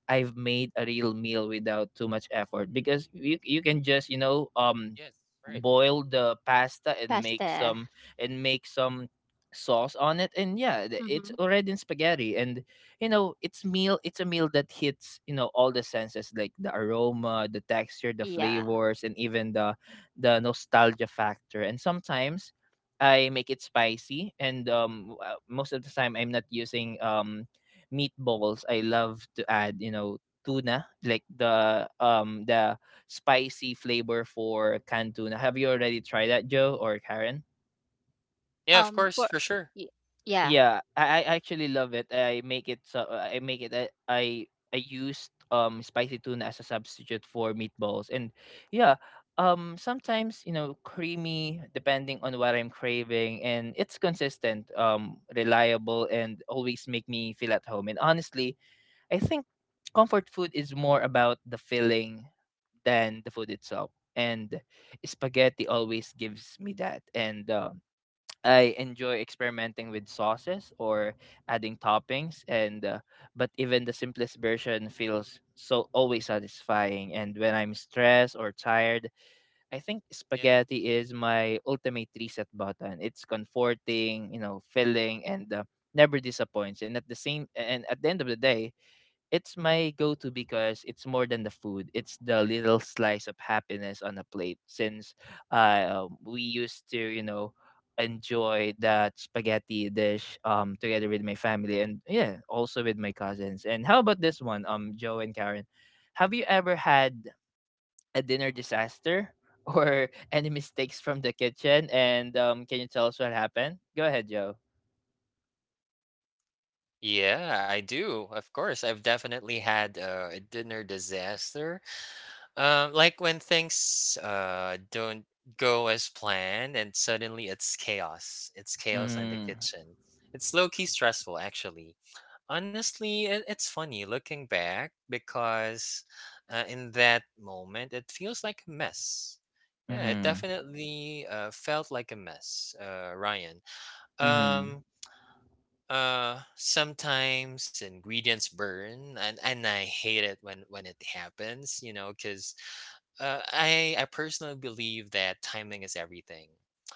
Speaker 1: I've made a real meal without too much effort because you can just you know
Speaker 2: Yes, right.
Speaker 1: boil the pasta
Speaker 3: Pasta.
Speaker 1: and make some sauce on it and yeah it's
Speaker 3: Mm-hmm.
Speaker 1: already in spaghetti and you know it's a meal that hits you know all the senses like the aroma the texture the
Speaker 3: Yeah.
Speaker 1: flavors and even the nostalgia factor and sometimes I make it spicy and most of the time I'm not using meatballs I love to add you know tuna like the spicy flavor for canned tuna. Have you already tried that, Joe or Karen?
Speaker 2: Yeah, of course,
Speaker 3: For
Speaker 2: for sure.
Speaker 3: y- yeah,
Speaker 1: Yeah, I actually love it. I make it so I make it I used spicy tuna as a substitute for meatballs and yeah, sometimes you know creamy depending on what I'm craving and it's consistent, reliable and always make me feel at home. And honestly, I think comfort food is more about the feeling than the food itself. And spaghetti always gives me that. And I enjoy experimenting with sauces or adding toppings. And but even the simplest version feels so always satisfying. And when I'm stressed or tired, I think
Speaker 2: Yeah.
Speaker 1: spaghetti is my ultimate reset button. It's comforting, you know, filling, and never disappoints. And at the end of the day, it's my go-to because it's more than the food. It's the little slice of happiness on a plate. Since we used to, you know, enjoy that spaghetti dish together with my family and yeah, also with my cousins. And how about this one, Joe and Karen? Have you ever had a dinner disaster (laughs) or any mistakes from the kitchen? And can you tell us what happened? Go ahead, Joe.
Speaker 2: Yeah, I do. Of course, I've definitely had a dinner disaster. Like when things don't go as planned, and suddenly it's chaos. It's chaos in the
Speaker 1: Mm-hmm.
Speaker 2: kitchen. It's low key stressful, actually. Honestly, it's funny looking back because in that moment it feels like a mess. Yeah, it definitely felt like a mess, Ryan.
Speaker 1: Mm-hmm.
Speaker 2: Um, sometimes ingredients burn, and I hate it when it happens. You know, because I personally believe that timing is everything.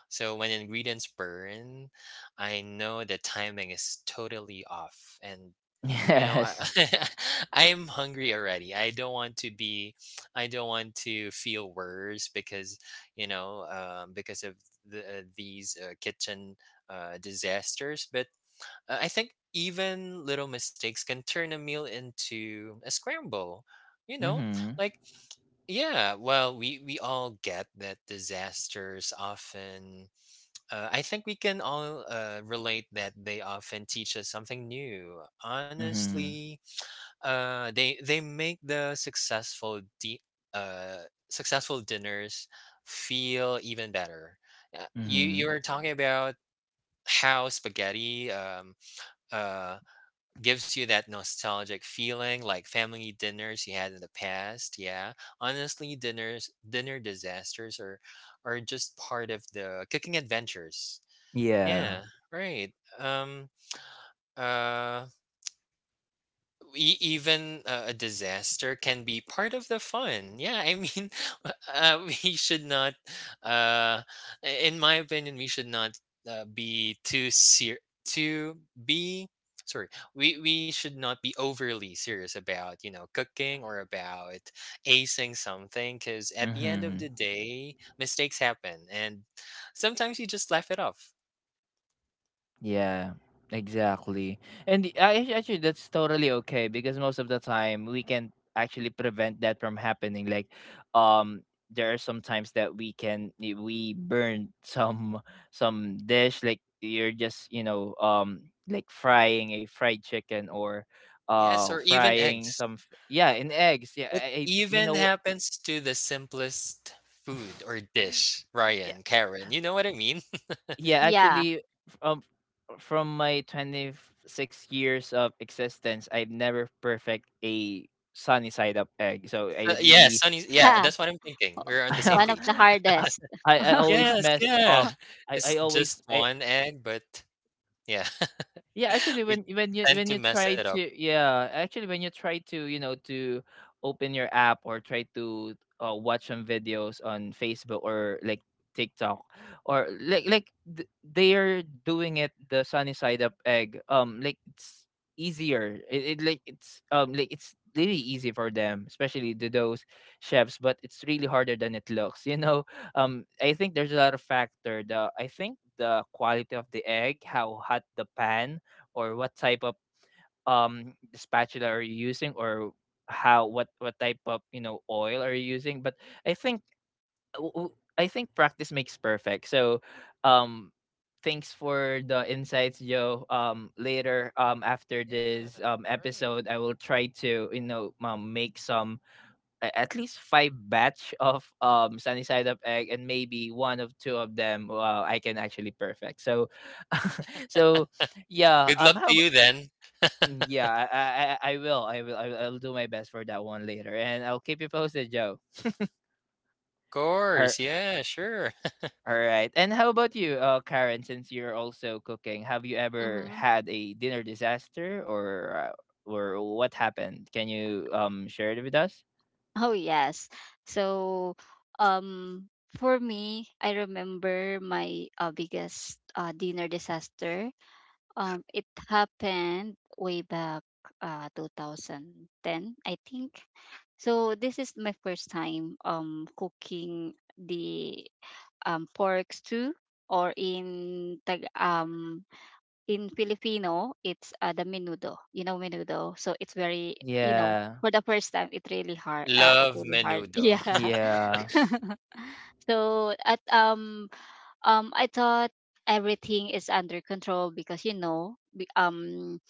Speaker 2: So when ingredients burn, I know that timing is totally off, and
Speaker 1: (laughs)
Speaker 2: you know I
Speaker 1: Yes.
Speaker 2: (laughs) I'm hungry already. I don't want to feel worse because you know because of these kitchen disasters. But I think even little mistakes can turn a meal into a scramble. You know, like yeah, well, we all get that disasters often. I think we can all relate that they often teach us something new.
Speaker 1: Mhm.
Speaker 2: Honestly, they make uh, successful dinners feel even better.
Speaker 1: Mhm.
Speaker 2: You were talking about how spaghetti uh, gives you that nostalgic feeling like family dinners you had in the past. Yeah, honestly, dinner disasters are just part of the cooking adventures.
Speaker 1: Yeah.
Speaker 2: Yeah, right. um uh Even a disaster can be part of the fun. Yeah, I mean, (laughs) we should not, uh, in my opinion, we should not uh, be too ser- too be sorry. We should not be overly serious about you know cooking or about acing something because at the end of
Speaker 1: Mhm.
Speaker 2: the day, mistakes happen, and sometimes you just laugh it off.
Speaker 1: Yeah. Exactly. Actually that's totally okay because most of the time we can actually prevent that from happening. Like um there are some times that we can we burn some dish like you're just, you know, like frying a fried chicken or
Speaker 2: Yes, or even
Speaker 1: frying
Speaker 2: eggs.
Speaker 1: some yeah, in eggs. Yeah,
Speaker 2: It
Speaker 1: you
Speaker 2: even
Speaker 1: know
Speaker 2: happens to the simplest food
Speaker 1: (laughs)
Speaker 2: or dish, Ryan,
Speaker 1: (laughs)
Speaker 2: Karen, you know what I mean? (laughs)
Speaker 1: Yeah,
Speaker 3: yeah,
Speaker 1: actually, f- um, from my 26 years of existence, I've never perfect a sunny side up egg. So
Speaker 2: So
Speaker 1: I
Speaker 2: yeah,
Speaker 1: really,
Speaker 2: Sunny
Speaker 3: (laughs)
Speaker 2: yeah,
Speaker 3: yeah,
Speaker 2: that's what I'm thinking. We're on the same
Speaker 3: one of
Speaker 2: page.
Speaker 3: the
Speaker 1: (laughs) I,
Speaker 3: hardest.
Speaker 1: I always
Speaker 2: Yes,
Speaker 1: messed
Speaker 2: yeah.
Speaker 1: up. I,
Speaker 2: It's
Speaker 1: I always,
Speaker 2: just
Speaker 1: I,
Speaker 2: one egg, but yeah.
Speaker 1: Yeah, actually,
Speaker 2: (laughs) We
Speaker 1: when you
Speaker 2: tend
Speaker 1: when
Speaker 2: to
Speaker 1: you
Speaker 2: mess it
Speaker 1: try
Speaker 2: up.
Speaker 1: to yeah, actually when you try to you know to open your app or try to watch some videos on Facebook or like TikTok or they are doing it the sunny side up egg. Like it's easier. It like it's really easy for them, especially to those chefs. But it's really harder than it looks. You know, (laughs) I think there's a lot of factor. The I think the quality of the egg, how hot the pan or what type of the spatula are you using or how what type of you know oil are you using but I think I think practice makes perfect so um thanks for the insights joe later after this
Speaker 2: Yeah, right.
Speaker 1: episode I will try to you know make some at least five batch of sunny side up egg and maybe one of two of them I can actually perfect so (laughs) so yeah
Speaker 2: Good luck
Speaker 1: how
Speaker 2: to you then.
Speaker 1: Mm,
Speaker 2: (laughs)
Speaker 1: yeah, I will. I will. I'll do my best for that one later, and I'll keep you posted, Joe. (laughs)
Speaker 2: Of
Speaker 1: All,
Speaker 2: course, yeah, sure. (laughs)
Speaker 1: all right. And how about you, Karen? Since you're also cooking, have you ever
Speaker 3: Hmm.
Speaker 1: had a dinner disaster, or what happened? Can you share it with us?
Speaker 3: Oh yes. So, um, for me, I remember my biggest dinner disaster. It happened way back 2010, I think. So this is my first time cooking the pork stew, or in Filipino, it's the menudo. You know menudo, so it's very, you know,
Speaker 1: Yeah.
Speaker 3: for the first time it really hard. It
Speaker 2: Love
Speaker 3: really hard. (laughs)
Speaker 2: menudo.
Speaker 3: Yeah.
Speaker 2: (laughs)
Speaker 1: Yeah.
Speaker 3: (laughs) so at I thought everything is under control, because you know,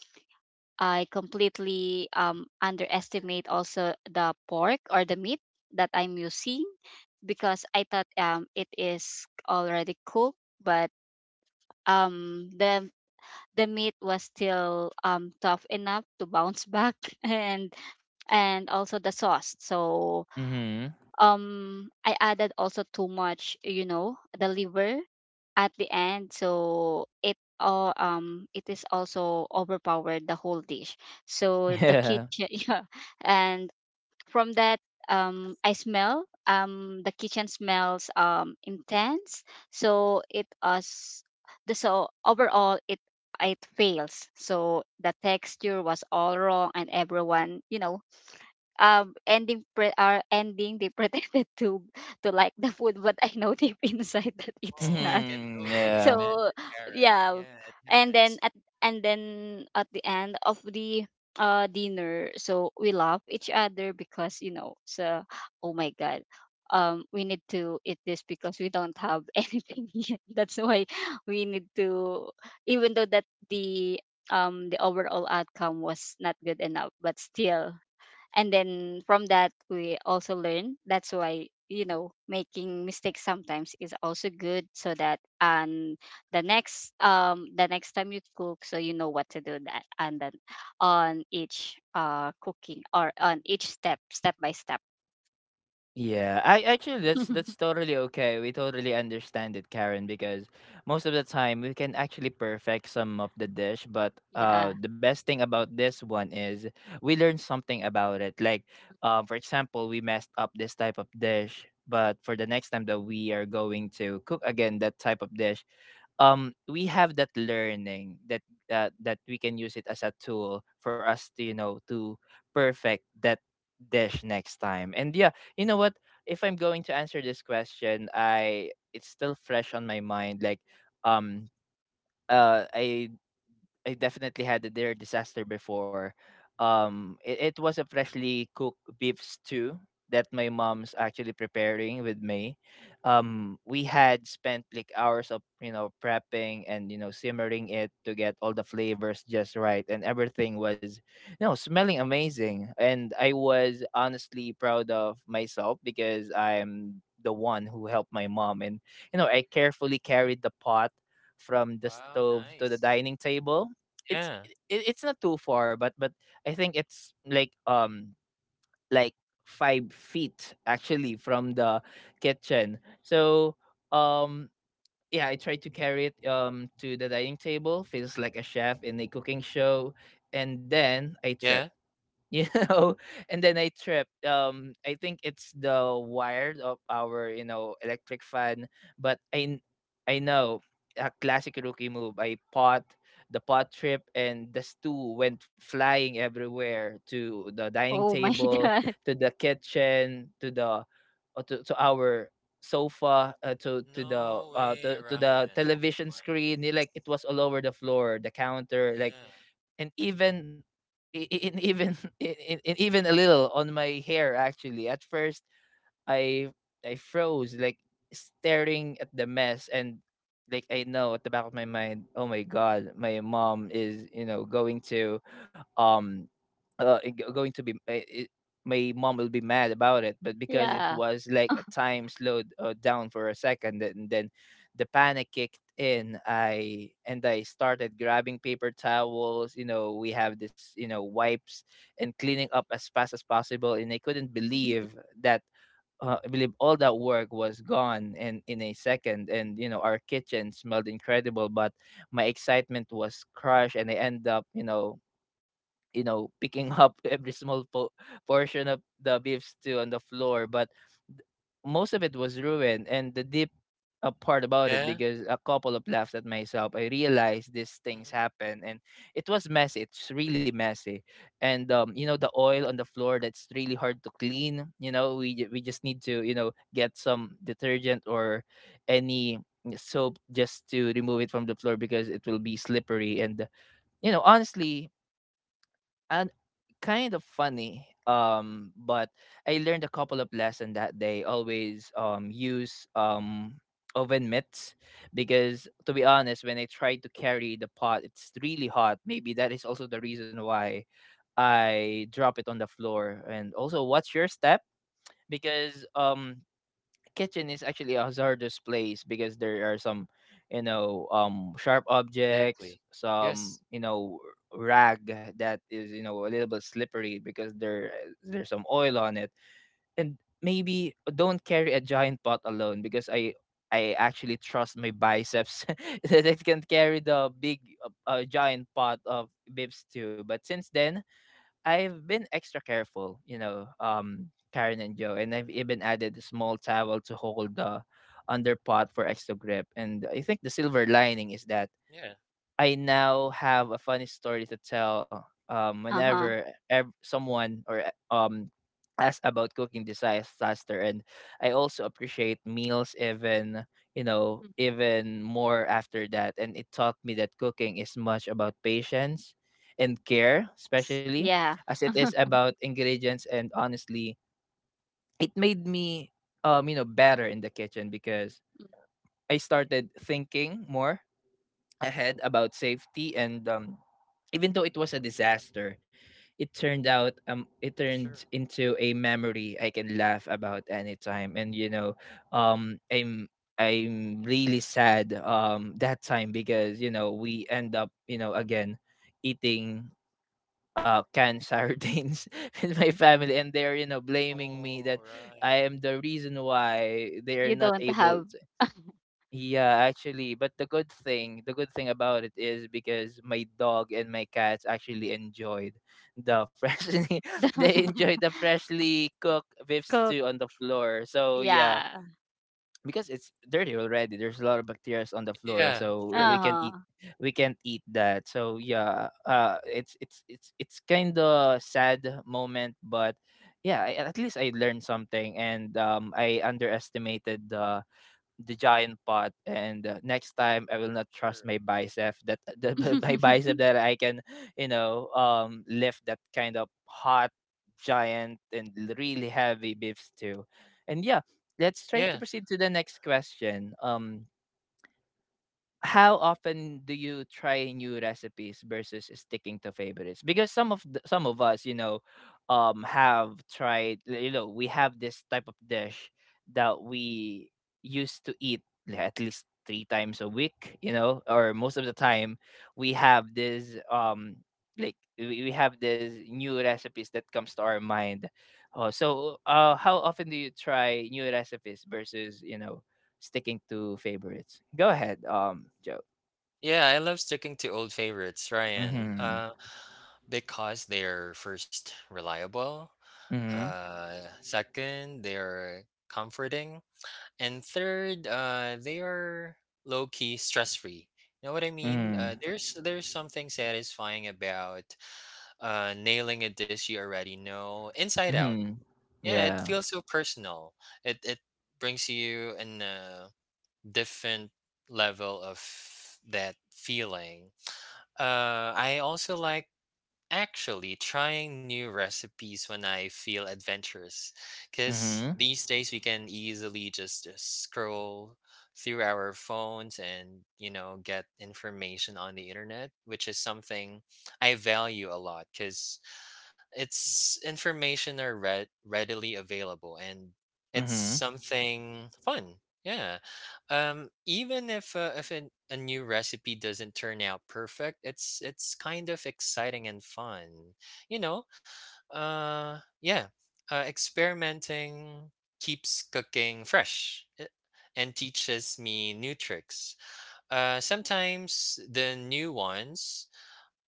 Speaker 3: I completely underestimate also the pork or the meat that I'm using, because I thought it is already cooked. But um the the meat was still tough enough to bounce back (laughs) and and also the sauce. So
Speaker 1: Mm-hmm.
Speaker 3: I added also too much, you know, the liver at the end, so it all it is also overpowered the whole dish. So
Speaker 1: (laughs)
Speaker 3: the
Speaker 1: Yeah.
Speaker 3: kitchen (laughs) yeah, and from that, I smell. The kitchen smells intense, so it us the so overall it, it fails. So the texture was all wrong, and everyone, you know, ending they (laughs) pretended to like the food, but I know deep (laughs) inside that it's
Speaker 2: Oh, I
Speaker 3: not.
Speaker 2: can
Speaker 1: Mm-hmm.
Speaker 3: (laughs)
Speaker 2: totally
Speaker 3: So
Speaker 1: Yeah.
Speaker 2: imagine, Karen.
Speaker 3: yeah,
Speaker 2: Yeah, it
Speaker 3: and then
Speaker 2: happens.
Speaker 3: at and then at the end of the dinner, so we love each other, because you know, so oh my god, we need to eat this because we don't have (laughs) anything yet. That's why we need to, even though that the overall outcome was not good enough, but still. And then from that, we also learn, that's why you know making mistakes sometimes is also good. So that, and the next time you cook, so you know what to do that. And then on each cooking, or on each step, step by step.
Speaker 1: Yeah, I actually that's
Speaker 3: (laughs)
Speaker 1: totally okay. We totally understand it, Karen, because most of the time we can actually perfect some of the dish, but
Speaker 3: Yeah.
Speaker 1: the best thing about this one is we learn something about it. Like for example, we messed up this type of dish, but for the next time that we are going to cook again that type of dish, we have that learning that that we can use it as a tool for us to you know to perfect that dish next time and yeah you know what? If I'm going to answer this question, I it's still fresh on my mind. Um, I I definitely had a their disaster before. It was a freshly cooked beef stew that my mom's actually preparing with me. We had spent like hours of prepping and simmering it to get all the flavors just right, and everything was smelling amazing. And I was honestly proud of myself because I'm the one who helped my mom, and I carefully carried the pot from the
Speaker 2: Wow,
Speaker 1: stove to the
Speaker 2: nice.
Speaker 1: dining table it's
Speaker 2: Yeah.
Speaker 1: it, it's not too far, but I think it's like 5 feet actually from the kitchen. Um yeah, I tried to carry it to the dining table, feels like a chef in a cooking show. And then I trip
Speaker 2: Yeah.
Speaker 1: you (laughs) know and then I tripped. I think it's the wire of our electric fan, but I know, a classic rookie move. I pot the pot trip and the stew went flying everywhere, to the dining
Speaker 3: Oh my (laughs)
Speaker 1: table,
Speaker 3: god.
Speaker 1: to the kitchen, to the to our sofa, uh, to to the
Speaker 2: No
Speaker 1: uh
Speaker 2: way,
Speaker 1: to, to the
Speaker 2: Ryan. Oh
Speaker 1: television
Speaker 2: my
Speaker 1: screen,
Speaker 2: goodness.
Speaker 1: like it was all over the floor, the counter, like,
Speaker 2: Yeah.
Speaker 1: and even I- and even (laughs) I- and even a little on my hair actually. At first I I froze, like staring at the mess, and like, I know at the back of my mind, oh my god, my mom is, you know, going to, um going to be my mom will be mad about it. But because it
Speaker 3: Yeah.
Speaker 1: was like a time slowed down for a second, and then the panic kicked in I and I started grabbing paper towels, you know, we have this, you know, wipes, and cleaning up as fast as possible. And I couldn't
Speaker 3: Mhm.
Speaker 1: believe that I believe all that work was gone in a second. And you know, our kitchen smelled incredible, but my excitement was crushed, and I end up picking (laughs) up every small portion of the beef stew on the floor. But most of it was ruined. And the deep part about it,
Speaker 2: Yeah.
Speaker 1: because a couple of laughs at myself, I realized these things
Speaker 2: Hmm.
Speaker 1: happen. And it was messy, it's really messy. And you know, the oil on the floor, that's really hard to clean. You know, we just need to, you know, get some detergent or any soap just to remove it from the floor, because it will be slippery. And you know, honestly, and kind of funny, but I learned a couple of lessons, that they always use oven mitts, because to be honest, when I try to carry the pot, it's really hot. Maybe that is also the reason why I drop it on the floor. And also, watch your step, because kitchen is actually a hazardous place, because there are some, you know, sharp objects,
Speaker 2: Exactly.
Speaker 1: some,
Speaker 2: Yes.
Speaker 1: you know, rag that is, you know, a little bit slippery, because there's some oil on it. And maybe don't carry a giant pot alone, because i actually trust my biceps (laughs) that it can carry the big giant pot of bibs too. But since then, I've been extra careful, you know, Karen and Joe, and I've even added a small towel to hold the underpot for extra grip. And I think the silver lining is that
Speaker 2: Yeah.
Speaker 1: I now have a
Speaker 3: Yeah.
Speaker 1: funny story to tell
Speaker 3: Uh-huh.
Speaker 1: whenever someone asks about cooking disaster. And I also appreciate meals even, you know,
Speaker 3: Mm.
Speaker 1: even more after that. And it taught me that cooking is much about patience and care,
Speaker 3: S-
Speaker 1: especially
Speaker 3: yeah.
Speaker 1: as it is
Speaker 3: (laughs)
Speaker 1: about ingredients. And honestly, it made me, you know, better in the kitchen, because I started thinking more ahead about safety and even though it was a disaster, it turned
Speaker 2: Sure.
Speaker 1: into a memory I can laugh about anytime. And you know um i'm i'm really sad that time, because you know, we end up, you know, again eating canned sardines (laughs) with my family, and they're, you know, blaming me that
Speaker 2: All right.
Speaker 1: I am the reason why they are
Speaker 3: You
Speaker 1: not
Speaker 3: don't
Speaker 1: able
Speaker 3: have
Speaker 1: to. Yeah, actually, but the good thing about it is because my dog and my cats actually enjoyed the freshly (laughs) they
Speaker 3: the
Speaker 1: enjoyed
Speaker 3: (laughs)
Speaker 1: the freshly cooked beef
Speaker 3: cook.
Speaker 1: stew on the floor. So yeah,
Speaker 3: Yeah.
Speaker 1: because it's dirty already, there's a lot of bacteria on the floor,
Speaker 2: Yeah.
Speaker 1: so
Speaker 2: Sure.
Speaker 3: Uh-huh.
Speaker 1: we can't eat that. So yeah, it's it's kind of sad moment. But yeah, at least I learned something. And I underestimated the giant pot. And next time I will not trust
Speaker 2: Sure.
Speaker 1: my bicep that (laughs) the, my bicep
Speaker 3: (laughs)
Speaker 1: that I can, you know, lift that kind of hot, giant and really heavy beefs too. And yeah, let's try to
Speaker 2: Yeah.
Speaker 1: proceed to the next question. How often do you try new recipes versus sticking to favorites? Because some of the, some of us, you know, have tried, you know, we have this type of dish that we used to eat like at least 3 times a week, you know, or most of the time we have this, we have this new recipes that comes to our mind. So how often do you try new recipes versus, you know, sticking to favorites? Go ahead, Joe.
Speaker 2: Yeah. I love sticking to old favorites, Ryan,
Speaker 1: Mm-hmm.
Speaker 2: because they're first reliable.
Speaker 1: Mm-hmm.
Speaker 2: Second, they're comforting. And third, they are low key stress free. You know what I mean? Uh,
Speaker 1: Mm-hmm.
Speaker 2: there's there's something satisfying about nailing a dish you already know inside out.
Speaker 1: Mm-hmm.
Speaker 2: Yeah, it
Speaker 1: Yeah.
Speaker 2: feels so personal. It brings you in a different level of that feeling. I also like actually trying new recipes when I feel adventurous, because
Speaker 1: Mm-hmm.
Speaker 2: these days we can easily just scroll through our phones and, you know, get information on the internet, which is something I value a lot because it's information are readily available and it's
Speaker 1: Mm-hmm.
Speaker 2: something fun. Yeah. Even if a new recipe doesn't turn out perfect, it's kind of exciting and fun. You know, yeah. Uh, experimenting keeps cooking fresh. And teaches me new tricks. Sometimes the new ones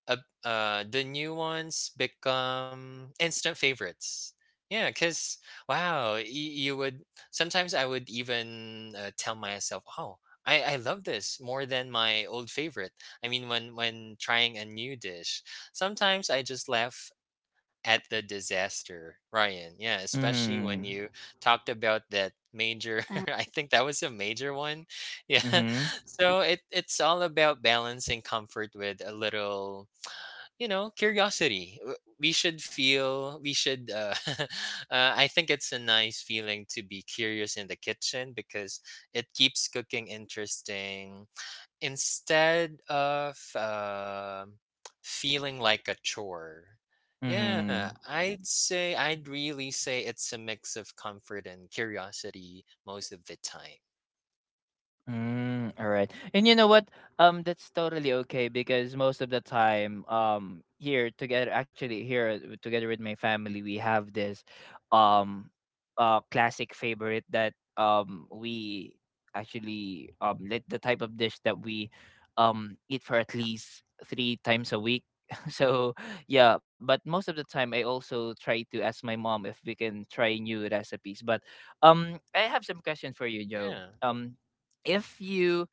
Speaker 2: uh, become instant favorites. Yeah, because wow, you would sometimes, I would even tell myself, oh, I love this more than my old favorite. I mean, when trying a new dish sometimes I just laugh at the disaster, Ryan. Yeah, especially
Speaker 1: Mm-hmm.
Speaker 2: when you talked about that major
Speaker 3: Uh.
Speaker 2: (laughs) I think that was a major one. Yeah.
Speaker 1: Mm-hmm.
Speaker 2: (laughs) So, it, it's all about balancing comfort with a little, you know, curiosity. W- we should feel we should (laughs) uh, I think it's a nice feeling to be curious in the kitchen because it keeps cooking interesting instead of feeling like a chore.
Speaker 1: Mm-hmm.
Speaker 2: Yeah, I'd really say it's a mix of comfort and curiosity most of the time.
Speaker 1: Mm, all right. And you know what? That's totally okay, because most of the time, here together, actually here together with my family, we have this, um, classic favorite that um, we actually let the type of dish that we eat for at least 3 times a week. (laughs) So yeah, but most of the time I also try to ask my mom if we can try new recipes. But I have some question for you, Joe.
Speaker 2: Yeah.
Speaker 1: Um, if you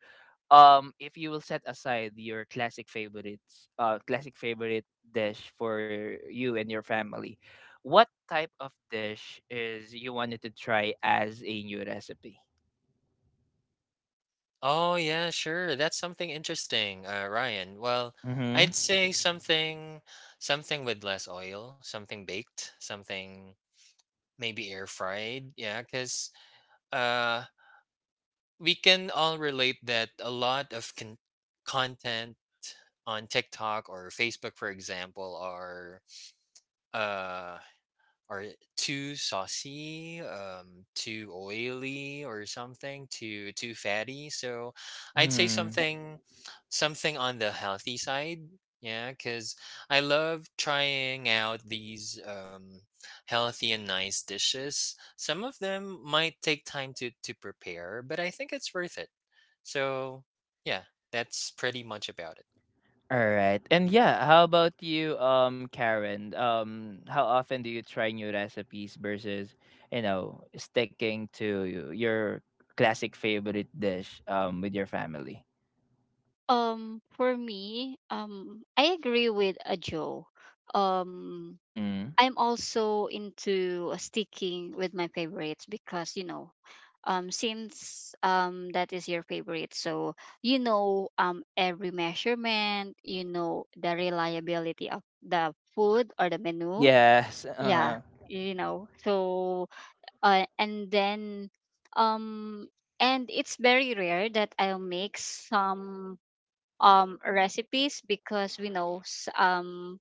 Speaker 1: um if you will set aside your classic favorites, classic favorite dish for you and your family, what type of dish is you wanted to try as a new recipe?
Speaker 2: Oh, yeah, sure. That's something interesting, Ryan. Well,
Speaker 1: Mm-hmm.
Speaker 2: I'd say something with less oil, something baked, something maybe air fried. Yeah, because uh, we can all relate that a lot of content on TikTok or Facebook, for example, are uh, are too saucy, too oily or something, too fatty. So I'd say
Speaker 1: Hmm.
Speaker 2: something on the healthy side. Yeah, because I love trying out these healthy and nice dishes. Some of them might take time to prepare, but I think it's worth it. So, yeah, that's pretty much about it.
Speaker 1: All right. And yeah, how about you, um, Karen? Um, how often do you try new recipes versus, you know, sticking to your classic favorite dish with your family?
Speaker 3: For me, I agree with a Joe. Um,
Speaker 1: Mm-hmm.
Speaker 3: I'm also into sticking with my favorites, because you know, since that is your favorite, so you know, every measurement, you know, the reliability of the food or the menu.
Speaker 1: Yes.
Speaker 3: Yeah, you know. So and then um and it's very rare that I'll make some recipes, because we know s- um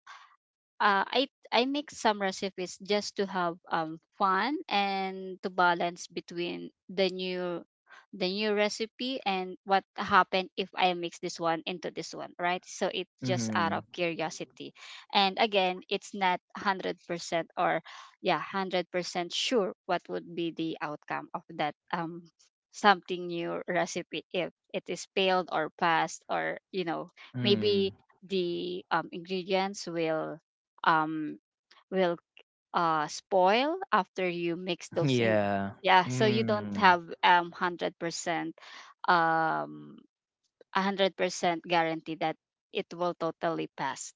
Speaker 3: uh, I I make some recipes just to have fun, and to balance between the new, the new recipe, and what happened if I mix this one into this one, right? So it's just out
Speaker 1: Mhm.
Speaker 3: of curiosity. And again, it's not 100%, or yeah, 100% sure what would be the outcome of that, something new recipe, if it is failed or passed, or you know,
Speaker 1: Mm.
Speaker 3: maybe the ingredients will um will spoil after you mix
Speaker 1: (laughs)
Speaker 3: those in.
Speaker 1: Yeah.
Speaker 3: Yeah, so you don't
Speaker 1: Mm.
Speaker 3: have 100% um 100% guarantee that it will totally pass.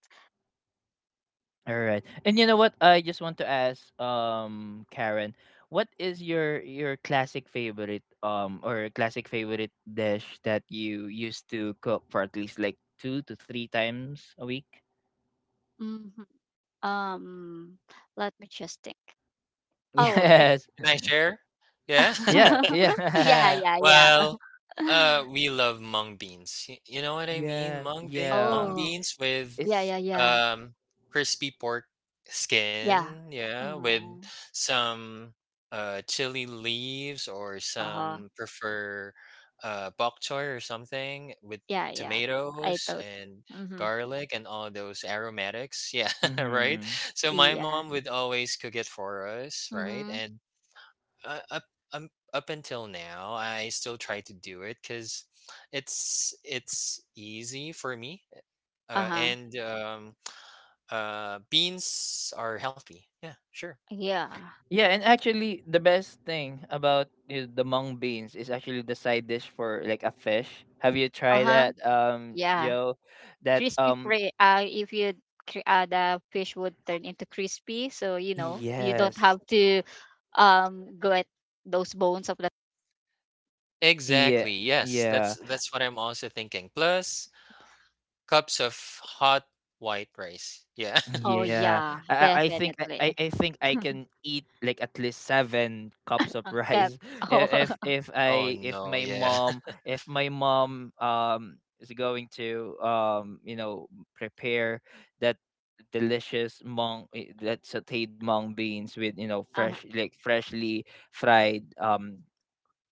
Speaker 1: All right. And you know what? I just want to ask, Karen, what is your classic favorite, or classic favorite dish that you used to cook for at least like 2 to 3 times a week?
Speaker 3: Hmm. um Let me just think.
Speaker 1: (laughs)
Speaker 3: Oh it.
Speaker 1: Yes.
Speaker 2: Can I share? Yeah. (laughs)
Speaker 1: Yeah.
Speaker 3: (laughs) Yeah,
Speaker 1: Yeah.
Speaker 2: (laughs)
Speaker 1: (laughs)
Speaker 3: yeah, yeah.
Speaker 2: Well,
Speaker 3: (laughs)
Speaker 2: we love mung beans. You know what I mean?
Speaker 1: yeah.
Speaker 2: Mung
Speaker 1: Yeah.
Speaker 3: Oh
Speaker 2: beans with
Speaker 1: It.
Speaker 3: yeah. Yeah, yeah,
Speaker 2: um crispy pork
Speaker 3: yeah.
Speaker 2: skin, yeah, with
Speaker 3: Uh-huh.
Speaker 2: some chili leaves or
Speaker 3: Uh-huh.
Speaker 2: some prefer bok choy or something with
Speaker 3: Yeah, yeah. I
Speaker 2: tomatoes
Speaker 3: thought.
Speaker 2: and
Speaker 3: Mm-hmm.
Speaker 2: garlic and all those aromatics. (laughs) Yeah, right?
Speaker 1: Mm-hmm.
Speaker 2: So my
Speaker 3: Yeah.
Speaker 2: mom would always cook it for us, right?
Speaker 3: Mm-hmm.
Speaker 2: And uh, up up until now, I still try to do it because it's easy for me,
Speaker 3: Uh-huh.
Speaker 2: and beans are healthy. Yeah, sure.
Speaker 3: Yeah.
Speaker 1: Yeah, and actually, the best thing about the mung beans is actually the side dish for like a fish. Have you tried
Speaker 3: Uh-huh.
Speaker 1: that,
Speaker 3: Yeah,
Speaker 1: Joe? That
Speaker 3: crispy prey. If you the fish would turn into crispy, so you know you don't
Speaker 1: yes,
Speaker 3: have to go at those bones of the.
Speaker 1: yeah,
Speaker 2: Exactly. Yes,
Speaker 1: yeah.
Speaker 2: that's what I'm also thinking. Plus cups of hot white rice. Yeah. (laughs)
Speaker 3: Oh
Speaker 1: Yeah,
Speaker 3: yeah,
Speaker 1: I I I think I I
Speaker 3: definitely.
Speaker 1: I think I can eat like at least 7 (laughs) cups of
Speaker 3: Cap.
Speaker 1: rice.
Speaker 3: (laughs)
Speaker 1: (laughs)
Speaker 3: Oh,
Speaker 1: I- if if
Speaker 2: Oh
Speaker 1: I if
Speaker 2: no.
Speaker 1: my
Speaker 2: Yeah.
Speaker 1: mom if my mom is going to, um, you know, prepare that delicious that sautéed mung beans with, you know, fresh,
Speaker 3: uh-huh,
Speaker 1: like freshly fried,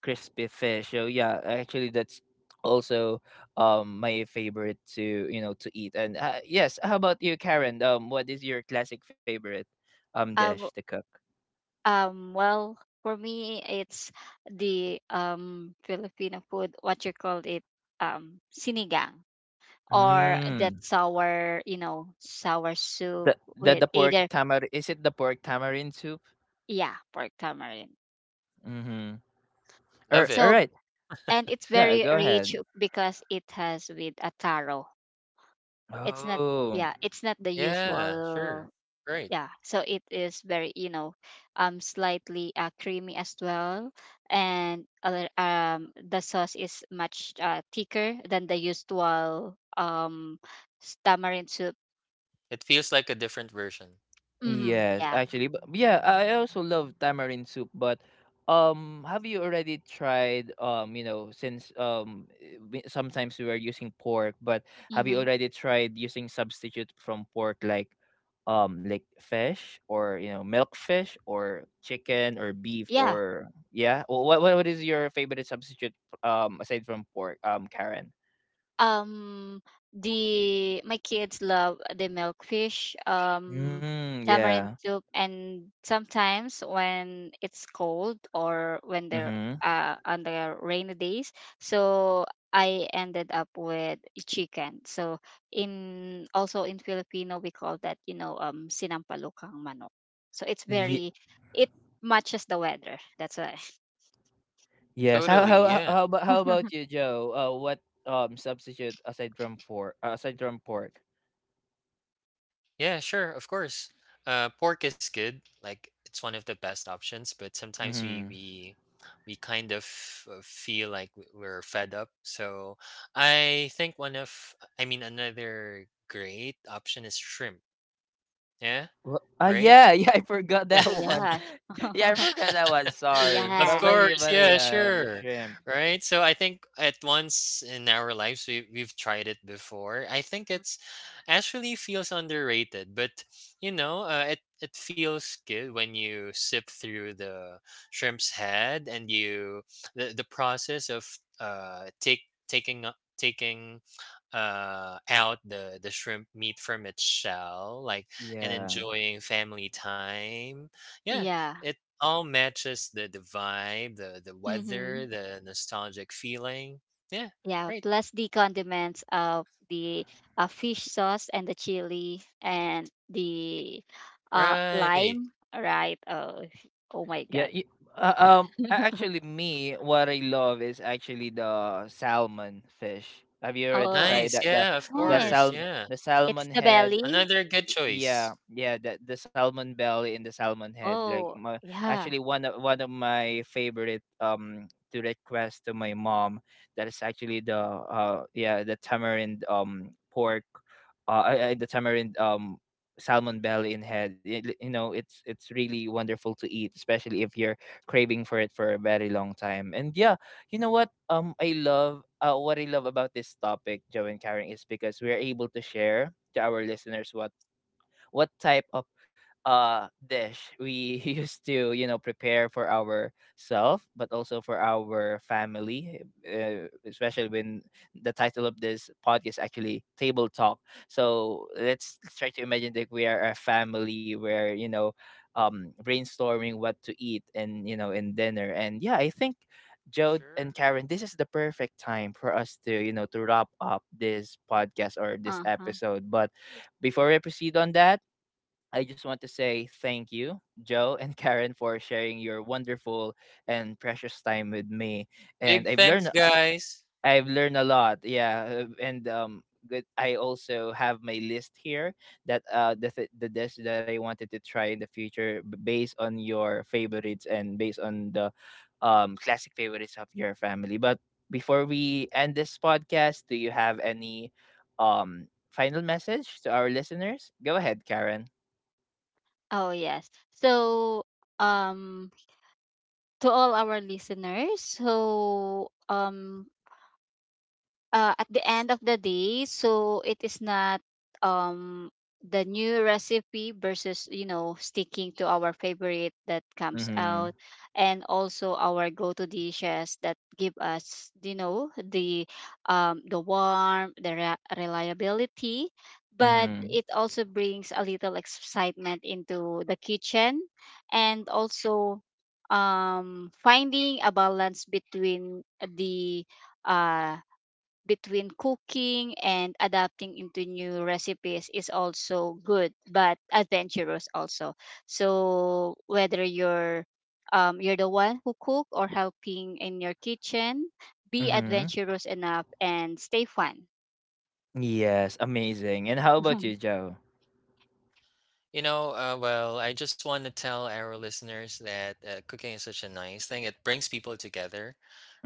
Speaker 1: crispy fish. So yeah, actually that's also my favorite to, you know, to eat. And yes, how about you, Karen? What is your classic favorite
Speaker 3: uh,
Speaker 1: dish to
Speaker 3: um,
Speaker 1: cook?
Speaker 3: um. Well, for me, it's the Filipino food. What you call it? Sinigang, or that
Speaker 1: Mm.
Speaker 3: sour, you know, sour soup with
Speaker 1: The pork
Speaker 3: either,
Speaker 1: tamar is it the pork tamarind soup?
Speaker 3: yeah, pork tamarind.
Speaker 1: Mm-hmm.
Speaker 2: (laughs)
Speaker 1: Or
Speaker 2: Love
Speaker 1: all
Speaker 2: it.
Speaker 3: So,
Speaker 1: right,
Speaker 3: and it's
Speaker 1: yeah,
Speaker 3: very
Speaker 1: go
Speaker 3: rich
Speaker 1: ahead.
Speaker 3: because it has with a taro. It's not,
Speaker 1: Oh.
Speaker 3: yeah, it's not the
Speaker 2: Yeah.
Speaker 3: usual.
Speaker 2: Sure. Great.
Speaker 3: Yeah. So it is very, you know, slightly creamy as well, and other the sauce is much thicker than the usual tamarind soup.
Speaker 2: It feels like a different version.
Speaker 3: Mm-hmm.
Speaker 1: Yes,
Speaker 3: Yeah.
Speaker 1: actually, but yeah, I also love tamarind soup. But have you already tried you know, since we- sometimes we are using pork, but have you
Speaker 3: Mm-hmm.
Speaker 1: already tried using substitute from pork, like fish, or you know, milk fish or chicken or beef
Speaker 3: Yeah.
Speaker 1: or yeah? What what is your favorite substitute aside from pork? Karen.
Speaker 3: Um, the my kids love the milkfish,
Speaker 1: Mm, yeah.
Speaker 3: tamarind soup, and sometimes when it's cold or when they're
Speaker 1: Mm-hmm.
Speaker 3: on the rainy days, so I ended up with chicken. So, in also in Filipino, we call that, you know, sinampalukang manok. So it's very, it matches the weather. That's why.
Speaker 1: Yes. How
Speaker 2: Totally.
Speaker 1: how how
Speaker 2: Yeah.
Speaker 1: how about how about
Speaker 3: (laughs)
Speaker 1: you, Joe? What substitute aside from for aside from pork?
Speaker 2: Yeah, sure, of course. Pork is good. Like it's one of the best options, but sometimes we
Speaker 1: Mm-hmm.
Speaker 2: we we kind of feel like we're fed up. So I think one of, I mean, another great option is shrimp. Yeah,
Speaker 1: Well,
Speaker 2: right?
Speaker 1: yeah, (laughs) yeah, I forgot
Speaker 3: Oh
Speaker 1: that
Speaker 2: (laughs)
Speaker 1: one.
Speaker 3: yeah.
Speaker 1: (laughs) Yeah, I
Speaker 3: (laughs)
Speaker 1: forgot that one.
Speaker 2: (laughs)
Speaker 1: Sorry,
Speaker 2: Of
Speaker 1: but
Speaker 3: Yeah.
Speaker 2: course, yeah,
Speaker 1: the
Speaker 2: sure.
Speaker 1: shrimp.
Speaker 2: Right? So I think at once in our lives we we've tried it before. I think it's actually feels underrated, but you know, it it feels good when you sip through the shrimp's head and you the process of take taking up taking out the shrimp meat from its shell like and
Speaker 1: Yeah,
Speaker 2: enjoying family time, yeah,
Speaker 3: Yeah.
Speaker 2: it all matches the vibe, the
Speaker 3: Mm-hmm.
Speaker 2: weather, the nostalgic feeling. Yeah,
Speaker 3: Yeah,
Speaker 2: right,
Speaker 3: plus the condiments of the fish sauce and the chili and the
Speaker 2: right.
Speaker 3: lime, right? Oh, oh my
Speaker 1: yeah.
Speaker 3: God.
Speaker 1: Y,
Speaker 3: (laughs)
Speaker 1: actually, me, what I love is actually the salmon fish. Have you already
Speaker 3: Oh,
Speaker 1: tried
Speaker 2: Nice.
Speaker 1: that? The
Speaker 2: Yeah, of
Speaker 1: the
Speaker 3: nice.
Speaker 2: course.
Speaker 1: sal
Speaker 2: Yeah,
Speaker 3: It's
Speaker 1: salmon
Speaker 3: the
Speaker 1: head.
Speaker 3: belly.
Speaker 2: another good choice.
Speaker 1: Yeah, yeah, the salmon belly and the salmon head, like
Speaker 3: Oh,
Speaker 1: my,
Speaker 3: yeah.
Speaker 1: actually one of my favorite to request to my mom, that is actually the yeah, the tamarind pork I- the tamarind salmon belly and head. It- you know, it's really wonderful to eat, especially if you're craving for it for a very long time. And yeah, you know what I love, what I love about this topic, Joe and Karen, is because we're able to share to our listeners what type of dish we (laughs) used to, you know, prepare for ourselves, but also for our family, especially when the title of this podcast, actually, Table Talk. So let's try to imagine that we are a family where, you know, brainstorming what to eat and, you know, in dinner. And yeah, I think Joe and
Speaker 2: Sure.
Speaker 1: Karen, this is the perfect time for us to, you know, to wrap up this podcast or this
Speaker 3: Uh-huh.
Speaker 1: episode. But before we proceed on that, I just want to say thank you, Joe and (laughs) Karen, for sharing your wonderful and precious time with me. And
Speaker 2: Big thanks, guys.
Speaker 1: I've learned a lot. Yeah, and good. I also have my list here that the dish that I wanted to try in the future, based on your favorites and based on the classic favorites of your family. But before we end this podcast, do you have any final message to our listeners? Go ahead, Karen.
Speaker 3: Oh, yes. So, um, to all our listeners, so at the end of the day, so it is not um the new recipe versus, you know, sticking to our favorite that comes
Speaker 1: Mm-hmm.
Speaker 3: out, and also our go-to dishes that give us, you know, the warmth, the reliability, but
Speaker 1: Mhm.
Speaker 3: it also brings a little excitement into the kitchen, and also finding a balance between the uh between cooking and adapting into new recipes is also good, but adventurous also. So whether you're, you're the one who cook or helping in your kitchen, be
Speaker 1: Mhm.
Speaker 3: adventurous enough and stay fun.
Speaker 1: Yes, amazing. And how about you,
Speaker 3: (laughs)
Speaker 1: Joe?
Speaker 2: You know, well, I just want to tell our listeners that cooking is such a nice thing. It brings people together,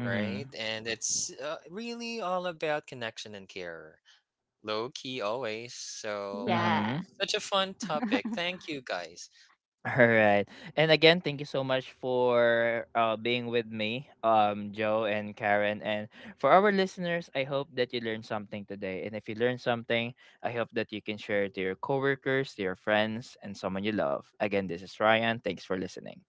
Speaker 2: right? And it's really all about connection and care. Low key always. So, wow,
Speaker 1: Mhm.
Speaker 3: Yeah.
Speaker 2: such a fun topic. Thank you, guys.
Speaker 1: All right. And again, thank you so much for being with me, Joe and Karen. And for our listeners, I hope that you learned something today. And if you learned something, I hope that you can share it to your coworkers, to your friends, and someone you love. Again, this is Ryan. Thanks for listening.